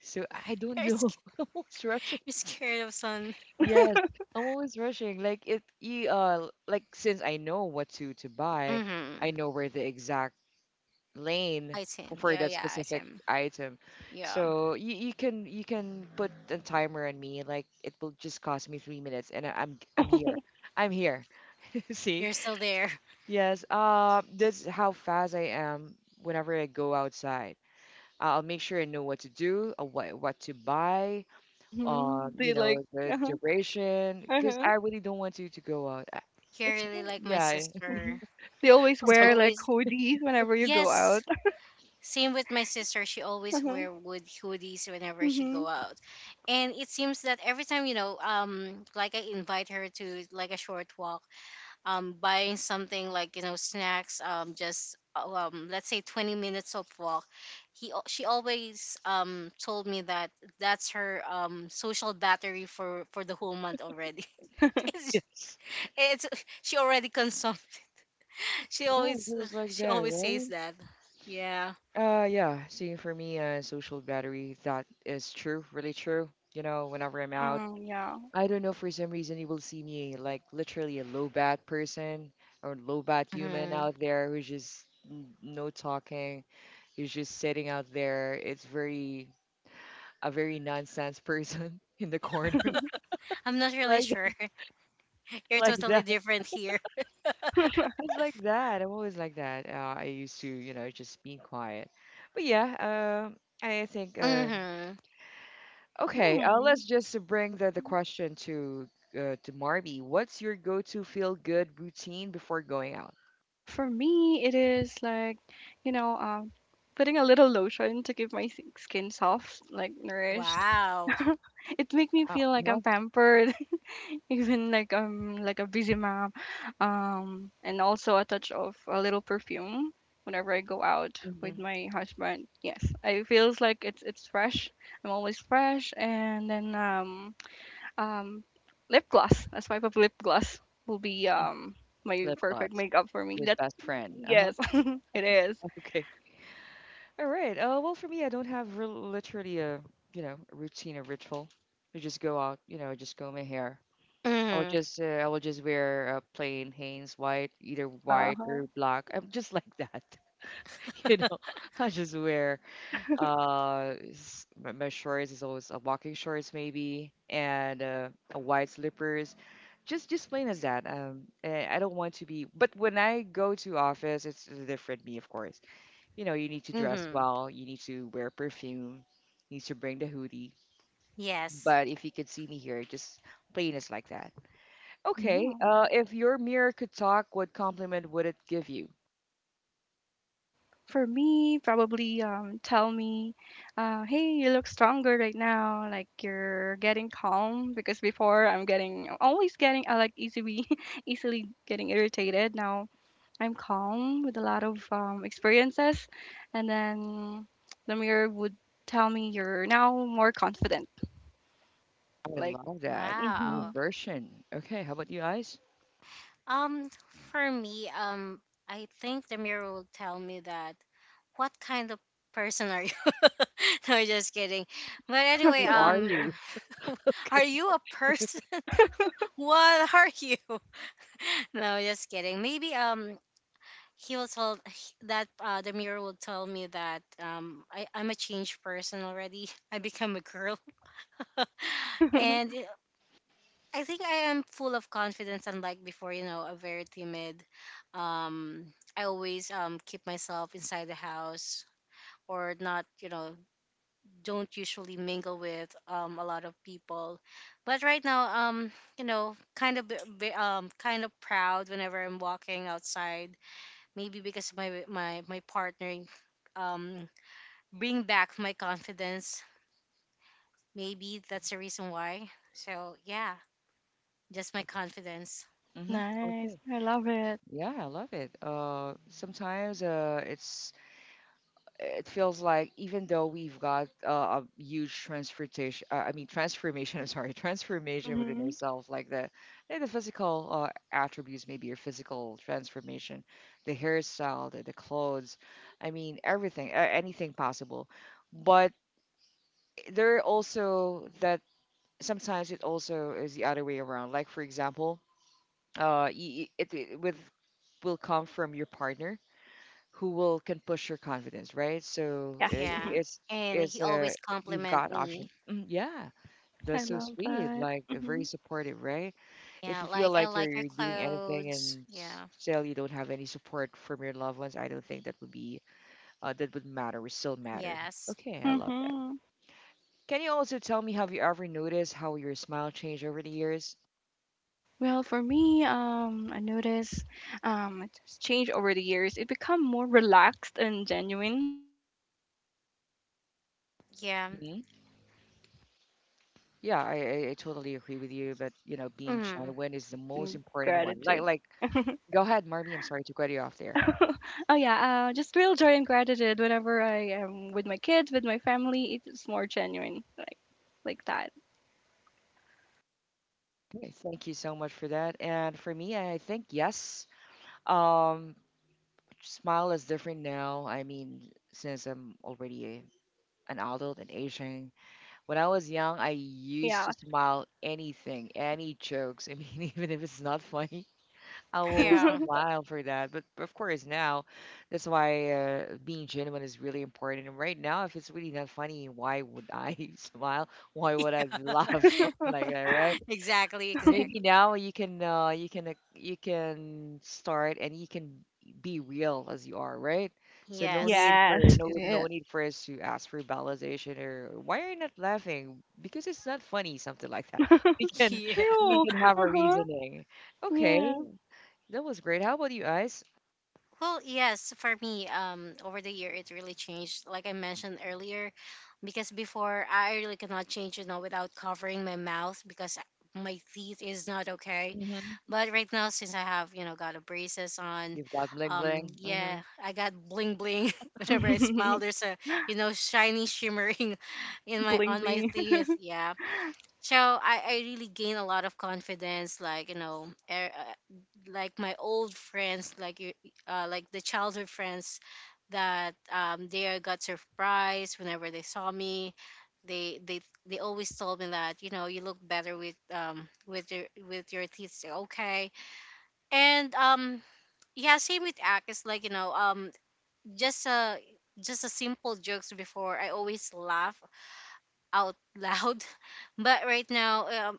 So I don't
You're,
know.
sc-
[laughs] I'm always rushing.
you're scared of sun.
Yes, I'm always rushing. Like since I know what to buy, I
Mm-hmm.
know where the exact lane
I Tim.
for
Yeah,
that
yeah, I
specific
Tim.
item.
Yeah.
So you can put a timer on me. Like it will just cost me 3 minutes, and I'm here.
[laughs]
I'm here. [laughs] See,
You're still there.
yes, that's how fast I am whenever I go outside. I'll make sure I know what to do, what to buy,
Mm-hmm. They like,
the
uh-huh,
duration, because
uh-huh.
I really don't want you to go out.
[laughs] You're
It's
really
kind
like my
yeah,
Hmm.
sister.
They always
[laughs]
It's
like
wear like
always.
hoodies whenever you go out.
Yes, same with my sister. She
[laughs]
always
Uh-huh,
wear wood hoodies whenever she go
mm-hmm.
out, and it seems that every time, like I invite her to, like, a short walk, buying something, like, snacks, just let's say 20 minutes of walk. She always told me that that's her social battery for the whole month already. [laughs]
[laughs]
it's,
yes,
it's she already consumed. [laughs] She
yeah,
always
it was like
she
that,
always
right?
says that. Yeah.
Yeah. See, for me, social battery, that is true, really true. You know, whenever I'm out.
Hmm, yeah.
I don't know, for some reason, you will see me like literally a low bat person or low bat human
Mm-hmm.
out there who's just no talking, who's just sitting out there. It's a very nonsense person [laughs] in the corner. [laughs]
I'm not really
Like,
sure. [laughs] You're
like
totally
that.
different here.
It's like that. I'm always like that. I used to, you know, just being quiet. But I think,
Mhm.
okay,
Hmm.
let's just bring the question to Marby. What's your go-to feel-good routine before going out?
For me, it is like, you know, um, putting a little lotion to keep my skin soft, like nourished.
Wow.
[laughs] It make me
Wow,
feel like
uh-huh.
I'm pampered, [laughs] even like I'm like a busy mom. And also a touch of a little perfume whenever I go out with
hmm
my husband. Yes, I feels like it's fresh. I'm always fresh, and then um, lip gloss. A swipe of lip gloss will be my
Lip
perfect
gloss.
makeup for me.
Your
That's
best friend. Uh-huh.
Yes, [laughs] it is.
[laughs] Okay. All right. Well, for me, I don't have real, literally a you know a routine or ritual. I just go out, you know, I just comb my hair.
Mhm.
I will just wear plain Hanes white, either white
Uh-huh.
or black. I'm just like that, [laughs] you know. I just wear. My shorts is always a walking shorts maybe, and a white slippers. Just plain as that. I don't want to be. But when I go to office, it's a different me, of course. You know, you need to dress
Mhm.
well. You need to wear perfume. You need to bring the hoodie.
Yes.
But if you could see me here, just plain as like that. Okay.
Mhm.
If your mirror could talk, what compliment would it give you?
For me, probably tell me, hey, you look stronger right now. Like you're getting calm because before I'm getting always getting I like easily [laughs] easily getting irritated. Now I'm calm with a lot of experiences, and then the mirror would tell me you're now more confident.
I
Like,
love that new
hmm.
Wow.
version. Okay, how about you guys?
Um for me, I think the mirror will tell me that, what kind of person are you? [laughs] No, just kidding. But anyway,
Who are you?
[laughs] are
[laughs]
you a person? [laughs] What are you? [laughs] No, just kidding. Maybe he will tell, [laughs] that, the mirror will tell me that, I'm a changed person already. [laughs] I become a girl, [laughs]
[laughs]
and it- I think I am full of confidence. Unlike before, you know, a very timid. Um, I always keep myself inside the house, or not. You know, don't usually mingle with, a lot of people. But right now, you know, kind of kind of proud whenever I'm walking outside. Maybe because my partner um bring back my confidence. Maybe that's the reason why. So yeah, just my confidence.
Mm-hmm. Okay.
Nice. I love it.
Yeah, I love it. Sometimes it's it feels like even though we've got a huge transportation, I mean transformation. [laughs] I'm sorry, transformation within
Hmm.
ourselves, like the physical attributes, maybe your physical transformation, the hairstyle, the clothes. I mean everything, anything possible. But there are also that sometimes it also is the other way around. Like for example it, it with will come from your partner who will can push your confidence, right? So it,
Yes.
Yeah. And
it's
he
a
always
We've
compliment
got option.
me.
Mm. Yeah, that's
I
so
love
sweet,
that.
like very
Mhm.
supportive, right? If
Yeah,
you feel
like, I
like you're
like your
you're doing anything
clothes.
and
Yeah.
still you don't have any support from your loved ones, I don't think that would be that would matter. Would still matter.
Yes.
Okay, I love that.
Mhm.
Can you also tell me, have you ever noticed how your smile changed over the years?
Well, for me, I notice it's changed over the years. It become more relaxed and genuine. Especially, I've grown more confident in myself.
Yeah.
It feels like my
Yeah, I,
smile
I I
feels
totally
less
agree with
about
you. But you
posing.
know, being
It's
Mm.
about
genuine
real
is the
joy
most
and
important one.
gratitude.
Go ahead, Marmy. I'm sorry to cut you off there.
[laughs] Oh yeah, just real joy and gratitude whenever I am with my kids, with my family. It's more genuine, like that.
Okay, thank you so much for
It
that.
is,
And for me, I think yes.
and
Um,
hmm,
Smile is different now. I mean, since I'm already an adult and aging. When I was young, I used to
yeah.
smile anything, any jokes. I mean, [laughs] even if it's not funny, I will
Yeah.
[laughs]
smile for that. But of course, now that's why being genuine is really important. And right now, if it's really not funny, why would I [laughs] smile? Why would I laugh? [laughs]
[laughs]
Something like that, right?
Exactly,
Maybe
exactly.
[laughs]
now you can you can start and you can be real as you are, right? So
Yes.
Yes, it
no
is.
need for us to ask for validation or why are you not laughing? Because it's not funny, something like that. [laughs] We
[laughs]
can
Yeah.
True.
have
Uh
a
huh.
reasoning.
Yeah.
Okay, that was great. How about you, Ice?
Well, yes, for me, over the year it really changed. Like I mentioned earlier, because before I really cannot change, without covering my mouth, because my teeth is not okay.
Mm-hmm.
But right now, since I have, got a braces on,
You've got bling bling. Mm-hmm.
yeah, I got bling bling [laughs] whenever I smile.
[laughs]
There's a, shiny shimmering [laughs] in my
Bling
on my
bling. [laughs]
teeth. Yeah, so I really gain a lot of confidence, like, like my old friends, like you, like the childhood friends, that, they got surprised whenever they saw me. They they they always told me that, you know, you look better with, with your teeth still okay, and, yeah, same with act, it's like, you know, just a just a simple jokes before, I always laugh out loud. [laughs] But right now,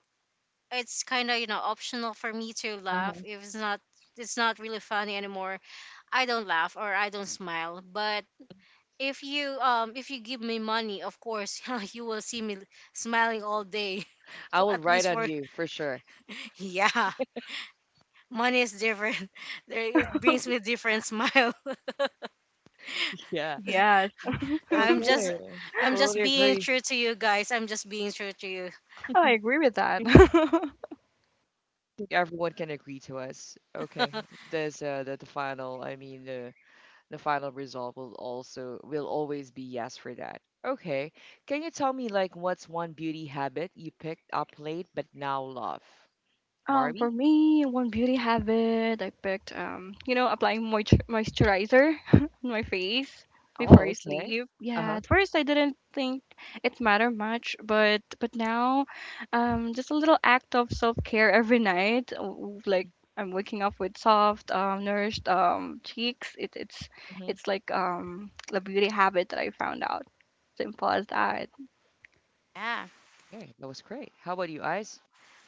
it's kind of, optional for me to laugh.
Uh-huh.
If it's not really funny anymore, I don't laugh or I don't smile. But if you give me money, of course, [laughs] you will see me smiling all day. [laughs]
I
for
will
at
write
least
on
for
you for sure.
[laughs] Yeah, money is different. [laughs] It brings me different smile. [laughs]
[laughs] Yeah.
Yes.
i'm just
Okay.
I'm just
Totally
being
agree.
true to
I
you guys, I'm just being true to you.
Oh, I agree with that. [laughs]
think everyone can agree to us. Okay.
[laughs]
There's that the final. I mean the final result will also will always be yes for that. Okay. Can you tell me like what's one beauty habit you picked up late but now love?
Um,
Marby?
for me, one beauty habit I picked, applying moisturizer [laughs] on my face before I
Oh, okay.
sleep. Yeah,
Uh-huh.
at first I didn't think it mattered much, but now, just a little act of self care every night, like I'm waking up with soft, nourished, cheeks. It, it's
Mm-hmm.
it's like [tsk] a beauty habit that I found out. Simple as that.
Yeah,
Okay. That was great. How about you, Ice?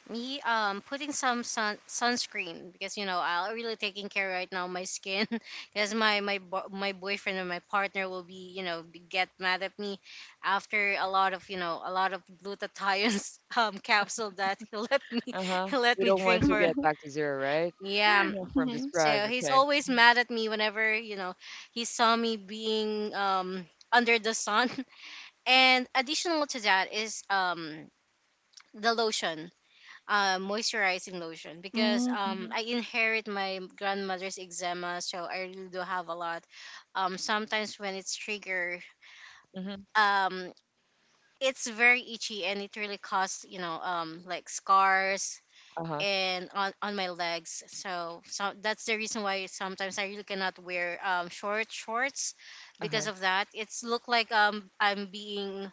me, putting some sunscreen because, you know, I'm really taking care right now my skin. [laughs] Because my boyfriend and my partner will, be you know, get mad at me after a lot of, you know, a lot of glutathione's [laughs] capsule that, [laughs] he let me [laughs]
Uh-huh.
he let
We
me
don't
[laughs]
drink
want to
Hmm.
for.
get back to zero, right?
Yeah,
Yeah, from the
so
scratch,
he's
okay.
always mad at me whenever, you know, he saw me being, under the sun. [laughs] And additional to that is, the lotion, moisturizing lotion, because,
Hmm.
I inherit my grandmother's eczema, so I really do have a lot. Sometimes when it's triggered,
Mm-hmm. hmm
um, it's very itchy and it really causes, you know, like, scars
uh huh.
and on my legs. So that's the reason why sometimes I really cannot wear, short shorts because
Uh-huh.
of that. It's look like, I'm being,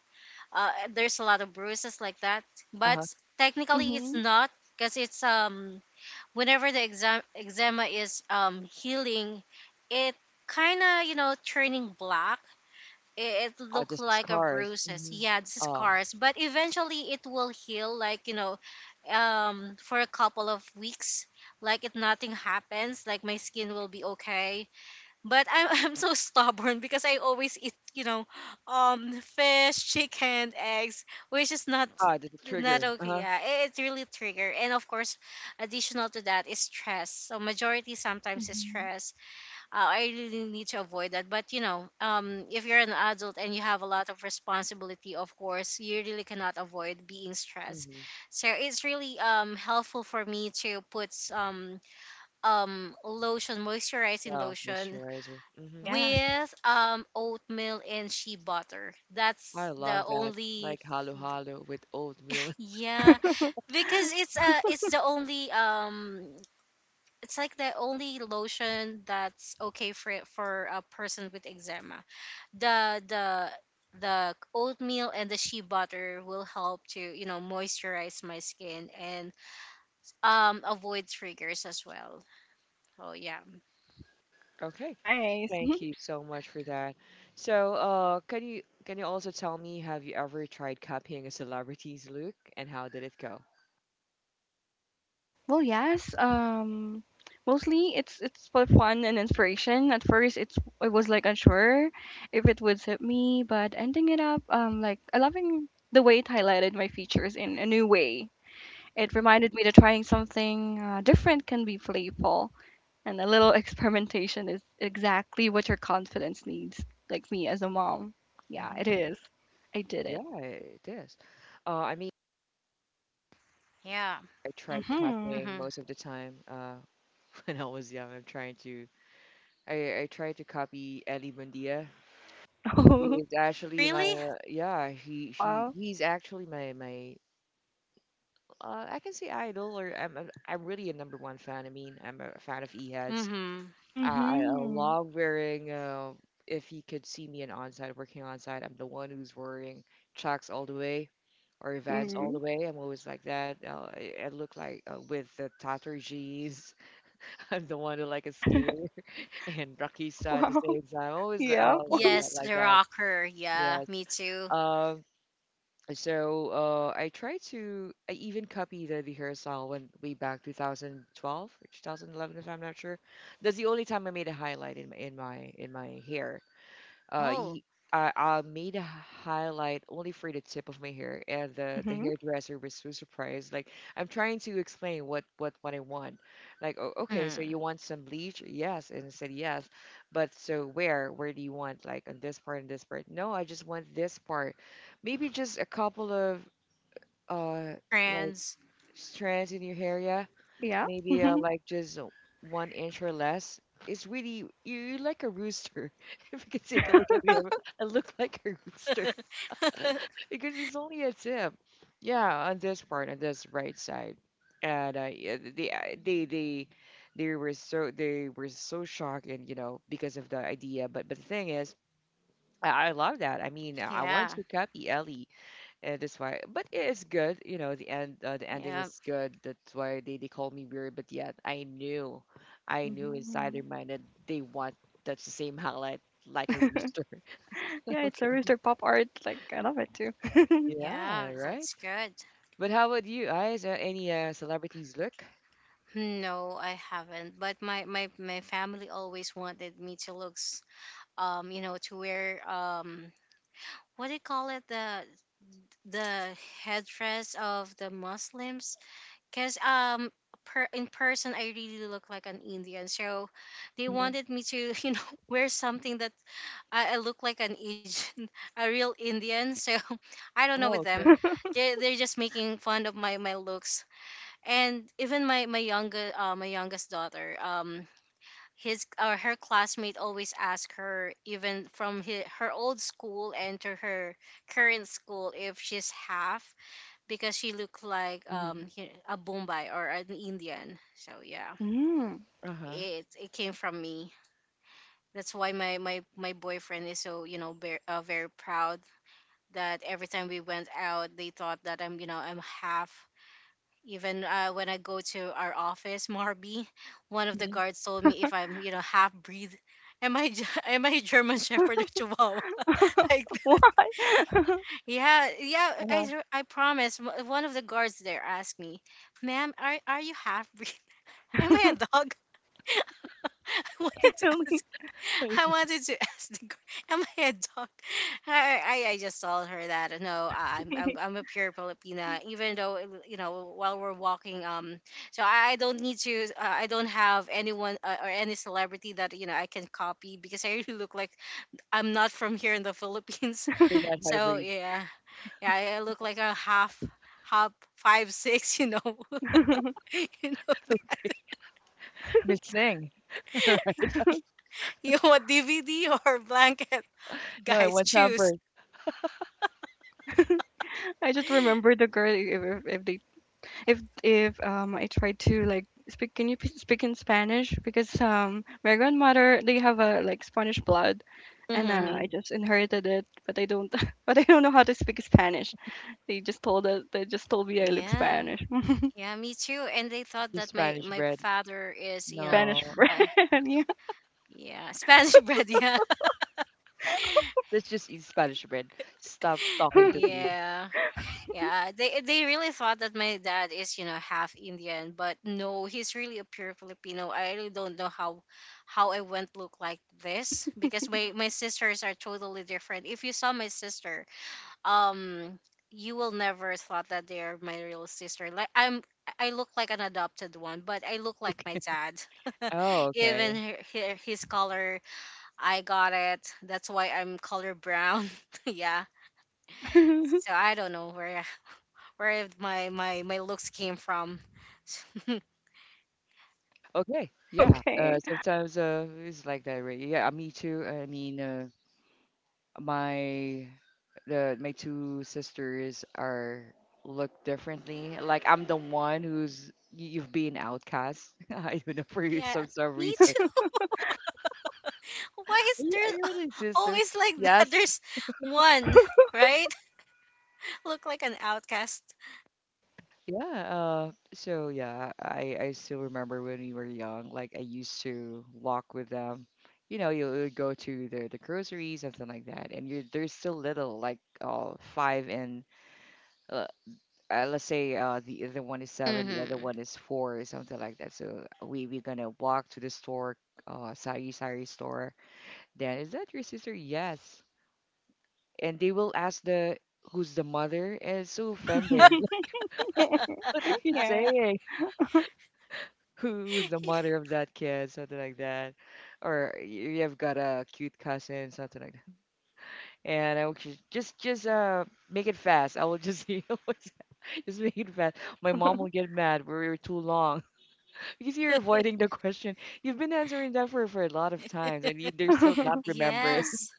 there's a lot of bruises like that, but
Uh-huh.
technically it's
Hmm.
not, because it's, whenever the eczema is, healing, it kind of, you know, turning black. It
Oh,
look
this is
like a
cars.
bruises.
Mm-hmm.
Yeah, it's
Oh.
scars, but eventually it will heal. Like, you know, for a couple of weeks, like, if nothing happens, like, my skin will be okay. But I'm [laughs] I'm so stubborn because I always eat, you know, fish, chicken, eggs, which is not
Ah, this is
not
trigger.
okay.
Uh-huh.
Yeah, it's really trigger. And of course, additional to that is stress. So majority sometimes is
Hmm.
stress. I really need to avoid that. But you know, if you're an adult and you have a lot of responsibility, of course, you really cannot avoid being stressed.
Mm-hmm.
So it's really helpful for me to put, lotion, moisturizing
Wow,
lotion
moisturizer. Mm-hmm.
Yes.
with, oatmeal and shea butter.
I
That's the
love that.
only,
Like halo halo with oatmeal. [laughs]
yeah,
[laughs]
because it's the only, it's like the only lotion that's okay for a person with eczema. The the the oatmeal and the shea butter will help to, you know, moisturize my skin and, avoid triggers as well. Oh yeah,
Okay.
Nice. Mhm.
Thank you so much for that. So, can you also tell me, have you ever tried copying a celebrity's look and how did it go?
Well, yes. Mostly it's for fun and inspiration. At first, it was like unsure if it would suit me, but ending it up, like I loving the way it highlighted my features in a new way. It reminded me that trying something different can be playful, and a little [laughs] experimentation is exactly what your confidence needs. Like me as a mom, yeah,
Hmm.
it is. I did it.
Yeah, it is. I mean.
yeah.
I tried
Mhm.
copying
Mm-hmm.
most of the time [laughs] when I was young. I'm trying to I tried to copy Ellie Buendia.
[laughs]
Really?
Wow.
He's actually my I can say idol or I'm really a number one fan. I mean I'm a fan of Ehad's.
Mm-hmm.
Uh, I
Mhm.
love wearing. If you could see me in onside working onside, I'm the one who's wearing chucks all the way or Vans all
Mhm.
the way. I'm always like that. I look like with the tattered jeans. [laughs] I'm the one who like a skater [laughs] and rockista at the
Wow.
same time.
[laughs]
Always, oh,
Yeah.
like, yeah,
Yes,
like
the
that.
rocker. Yeah,
Yes.
me too.
Um. So, I try to. I even copy the rehearsal when way back 2012 or 2011, if I'm not sure. That's the only time I made a highlight in my hair. Uh,
Oh,
y- I made a highlight only for the tip of my hair, and the
Mm-hmm.
hairdresser was so surprised. Like I'm trying to explain what I want. Like, oh, okay, so you
mm,
want some bleach? Yes, and I said yes, but so where? Where do you want? Like on this part and this part? No, I just want this part. Maybe just a couple of uh like
friends.
strands in your hair, yeah,
Yeah.
maybe
[laughs]
like just one inch or less. It's really you're like a rooster. [laughs] If you could take a look at me, I look like a rooster
[laughs]
[laughs] because it's only a tip. Yeah, on this part, on this right side, and yeah, they I- they were so shocked and you know because of the idea. But the thing is, I love that. I mean, I want
Yeah,
to copy Ellie and that's why, but it is good. You know, the ending
yeah,
was good. That's why they called me weird. But yet, I knew inside their
Mhm.
mind that they want that's the same highlight like a rooster.
Yeah,
[laughs]
it's a
Okay.
rooster pop art. Like I love it too.
yeah.
Yeah. Right.
That's good.
But how about you? I is there any celebrities look?
No, I haven't. But my family always wanted me to look, you know, to wear, what do you call it? The headdress of the Muslims, because. Per, in person, I really look like an Indian, so they
Mhm.
wanted me to, [laughs] you know, wear something that I look like an Asian, [laughs] a real Indian. So [laughs] I don't know with
Oh,
them.
okay.
They're just making fun of my, my looks. And even my youngest daughter, his or her classmate always ask her even from hi her old school and to her current school if she's half because she looked like
Mm-hmm.
a Bombay or an Indian. So yeah,
Mm.
Uh huh.
it came from me. That's why my boyfriend is so very, very proud that every time we went out they thought that I'm you know I'm half even when I go to our office, [laughs] Marby, one of the
Mhm.
guards told me if I'm you know half breed. Am [laughs] am I german shepherd or chihuahua,
[laughs]
[laughs] like that.
Why?
Yeah, yeah,
Uh-huh.
I promise, one of the guards there asked me, "Ma'am, are you half breed?" [laughs] Am
[laughs]
I a dog? [laughs] wanted to
Really?
ask. I
[laughs]
wanted to [laughs] ask the girl, "Am I a dog?" I just told her that no, I'm a pure Filipina. Even though while we're walking, so I don't need to. I don't have anyone or any celebrity that I can copy because I really look like I'm not from here in the Philippines.
You're not
[laughs] So
hybrid.
yeah, yeah, I look like a half. Half 5'6", [laughs] you know,
Miss Missing. [laughs]
you want DVD or blanket,
No, I
guys?
want
Choose.
tempered.
[laughs] I just remember the girl if they if I tried to like speak, can you speak in Spanish, because my grandmother they have a like Spanish blood, and
Mhm.
Mm-hmm.
I just inherited it, but I don't [laughs] but I don't know how to speak Spanish. They just told me I look
Yeah,
Spanish. [laughs]
yeah, me too. And they thought
Just
that my
Spanish
my
bread.
father is,
Spanish
No,
bread.
uh,
[laughs] Yeah.
yeah, Spanish [laughs] bread. Yeah,
let's just eat Spanish bread. Stop talking to me.
yeah, yeah. They really thought that my dad is, half Indian, but no, he's really a pure Filipino. I really don't know how I went look like this because my sisters are totally different. If you saw my sister, um you will never thought that they're my real sister. Like I'm, I look like an adopted one, but I look like my dad. [laughs]
Oh,
Even
okay.
his color, I got it. That's why I'm color brown. [laughs] Yeah, so
[laughs]
I don't know where my looks came from. [laughs]
Okay. Yeah. Uh,
Okay.
sometimes uh, it's like that, right? Yeah, me too. I mean, my the my two sisters are look differently. Like I'm the one who's you've been outcast. [laughs] I don't know
Yeah,
some
me
reason.
too. [laughs] Why is
Are
there
you really a sister?
always like that? [laughs]
Yes.
There's one, right? [laughs] Look like an outcast.
Yeah, so yeah, I still remember when we were young, like I used to walk with them. You know, you'll go to the groceries, something like that, and you're they're still little, like five and uh, let's say the other one is seven, the other
Mm-hmm.
one is four, or something like that. So we're gonna walk to the store, sari sari store. Then is that your sister? Yes, and they will ask the who's the mother. And it's so offending. [laughs] What are
[laughs]
you
Yeah.
saying? Who's the
[laughs]
mother of that kid, something like that, or you've got a cute cousin, something like that. And I will just make it fast. I will just [laughs] you know, just make it fast. My mom will get mad. We were too long [laughs] because you're avoiding the question. You've been answering that for a lot of times, and you, they're still not remembering.
Yes.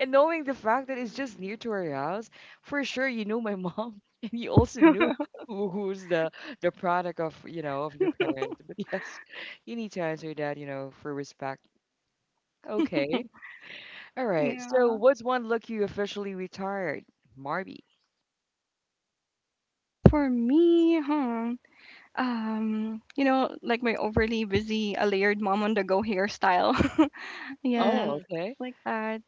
And knowing the fact that it's just near to our house, for sure you know my mom, [laughs] and you also knew who's the product of you know of your parents. But yes, you need to answer that, you know, for respect. Okay. All right. So
Yeah.
what's one look you officially retired, Marby?
For me, huh? Like my overly busy, a layered mom on the go hairstyle. [laughs] Yeah,
Oh,
Mhm.
okay.
like that.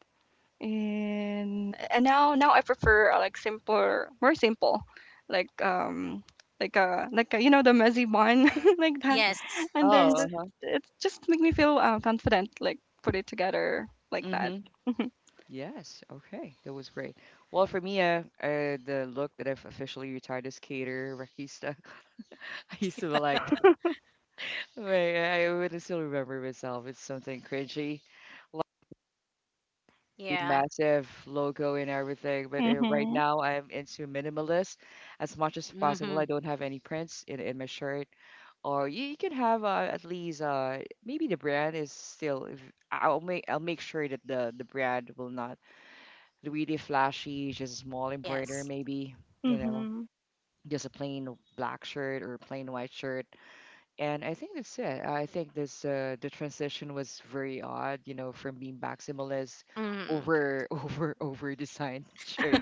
And now I prefer like simpler, more simple, like like a, you know the messy bun [laughs] like that,
Yes,
and then
yes,
Oh,
just
uh-huh.
it just make me feel confident, like put it together like that.
Mm-hmm. Yes. Okay. That was great. Well, for me, the look that I've officially retired is cater barista. [laughs] I used to be like right, I really still remember myself. It's something cringy, the
yeah.
massive logo and everything. But right
Mhm.
now, I'm into minimalist as much as possible.
Mm-hmm.
I don't have any prints in my shirt, or you can have at least maybe the brand is still. If, I'll make sure that the brand will not really flashy, just a small embroider
Yes.
maybe, you know,
Mm-hmm.
just a plain black shirt or plain white shirt. And I think that's it. I think this the transition was very odd, you know, from being maximalist
Mm-hmm.
over [laughs] over over designed [laughs] shirt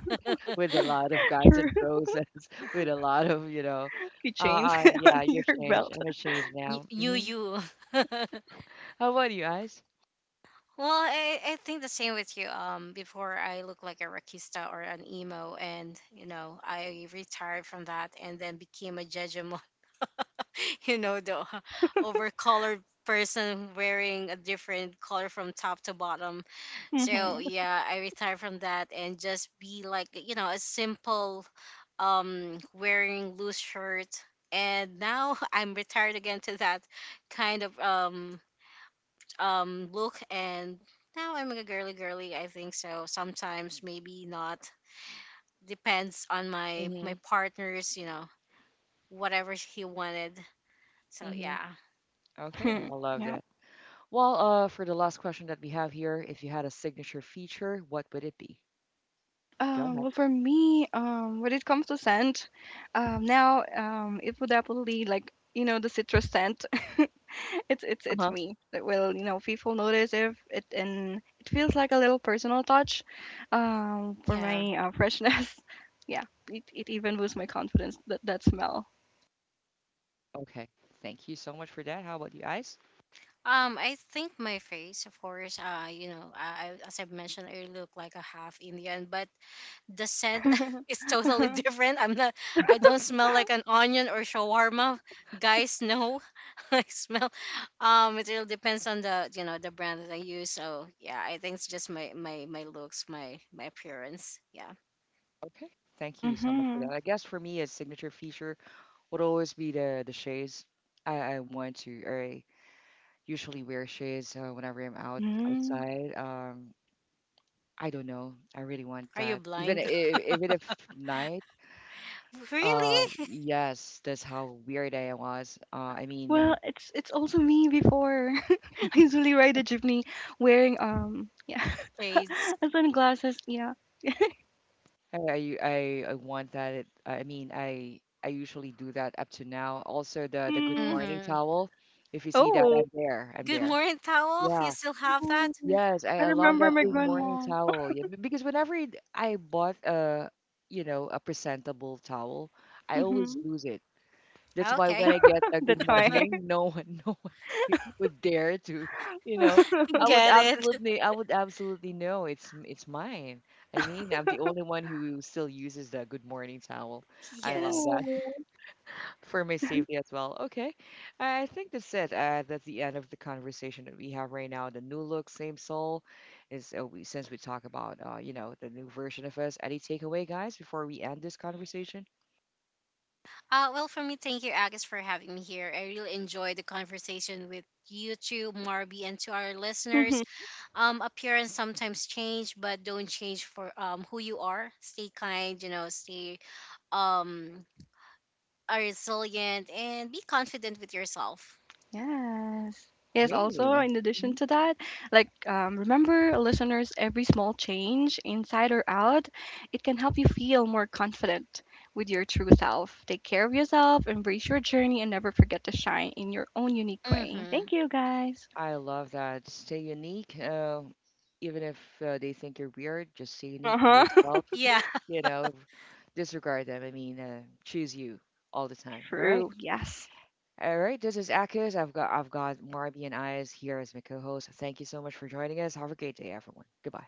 with a lot of Guns and
True.
Roses, [laughs] with a lot of you know,
[laughs] Keychain. [laughs] On
yeah, you've
your
changed.
belt.
I'm a change now.
You
Hmm.
you. [laughs]
How about you guys?
Well, I think the same with you. Before I look like a rockista or an emo, and you know, I retired from that and then became a judgemon. [laughs] You know, the overcolored person wearing a different color from top to bottom. So
Mm-hmm.
yeah, I retired from that and just be like, you know, a simple wearing loose shirt. And now [laughs] I'm retired again to that kind of look and now I'm a girly girly, I think so. Sometimes maybe not. Depends on my my
Mm-hmm.
partner's, you know, whatever he wanted. So
Mm-hmm.
yeah.
Okay,
Hmm.
I love
Yep.
that. Well, for the last question that we have here, if you had a signature feature, what would it be? Go
Um,
ahead.
well, for me, when it comes to scent, now it would definitely like the citrus scent. [laughs] it's it's
Uh
it's
huh.
me that will people notice if it, and it feels like a little personal touch, for
Yeah.
my freshness. [laughs] Yeah, it even boosts my confidence, that that smell.
Okay. Thank you so much for that. How about you guys?
I think my face, of course, you know, I as I mentioned, I look like a half Indian, but the scent
[laughs]
[laughs] is totally different. I don't smell like an onion or shawarma. Guys, no. [laughs] I smell it really depends on the the brand that I use. So yeah, I think it's just my looks, my appearance. Yeah.
Okay. Thank you so much for
Mm-hmm.
that. I guess for me, a signature feature would always be the shades. I want to, or I usually wear shades whenever I'm out
Mm.
outside. I don't know. I really want
Are you
that.
blind?
Even if night.
[laughs]
Uh,
Really?
yes, that's how weird I was. I mean,
Well, it's also me before. [laughs] I usually ride a jeepney wearing yeah
Shades.
[laughs] and sunglasses, yeah.
I want that. It, I mean, I usually do that up to now. Also, the good
Mm.
morning
Mm-hmm.
towel. If you see that,
oh
I'm there. I'm
Good
there.
morning towel.
Yeah.
You still have
Oh.
that?
Yes,
I
I love
remember
that
my
good
Oh,
morning
grandma.
towel. Yeah, because whenever I bought a, you know, a presentable towel, I always
Mm-hmm.
lose it. That's why when
okay.
I get a good
That's why
morning, no one, [laughs] no one would dare to, you know,
Get it. [laughs]
I would absolutely know it's it's mine. I mean, I'm the only one who still uses the good morning towel.
[laughs]
I love
Yes.
that.
oh.
For my safety as well. Okay. I think that's it. That's the end of the conversation that we have right now. The new look, same soul, is since we talk about you know the new version of us. Any takeaway, guys, before we end this conversation?
Well, for me, thank you, Agus, for having me here. I really enjoyed the conversation with you too, Marby, and to our
Mm-hmm.
listeners. Appearance sometimes change, but don't change for who you are. Stay kind, you know, stay um are resilient and be confident with yourself.
Yes, yes, also
Really,
in addition
mhm.
to that, like remember, listeners, every small change inside or out, it can help you feel more confident with your true self. Take care of yourself, embrace your journey, and never forget to shine in your own unique way.
Mm-hmm.
Thank you, guys.
I love that. Stay unique. Even if they think you're weird, just stay
Uh
unique. Be
huh.
yourself.
Yeah.
You know, disregard them. I mean, choose you all the time.
[laughs]
All right.
True. Yes.
All right, this is Akis. I've got Marby and Eyes here as my co-host. Thank you so much for joining us. Have a great day, everyone. Goodbye.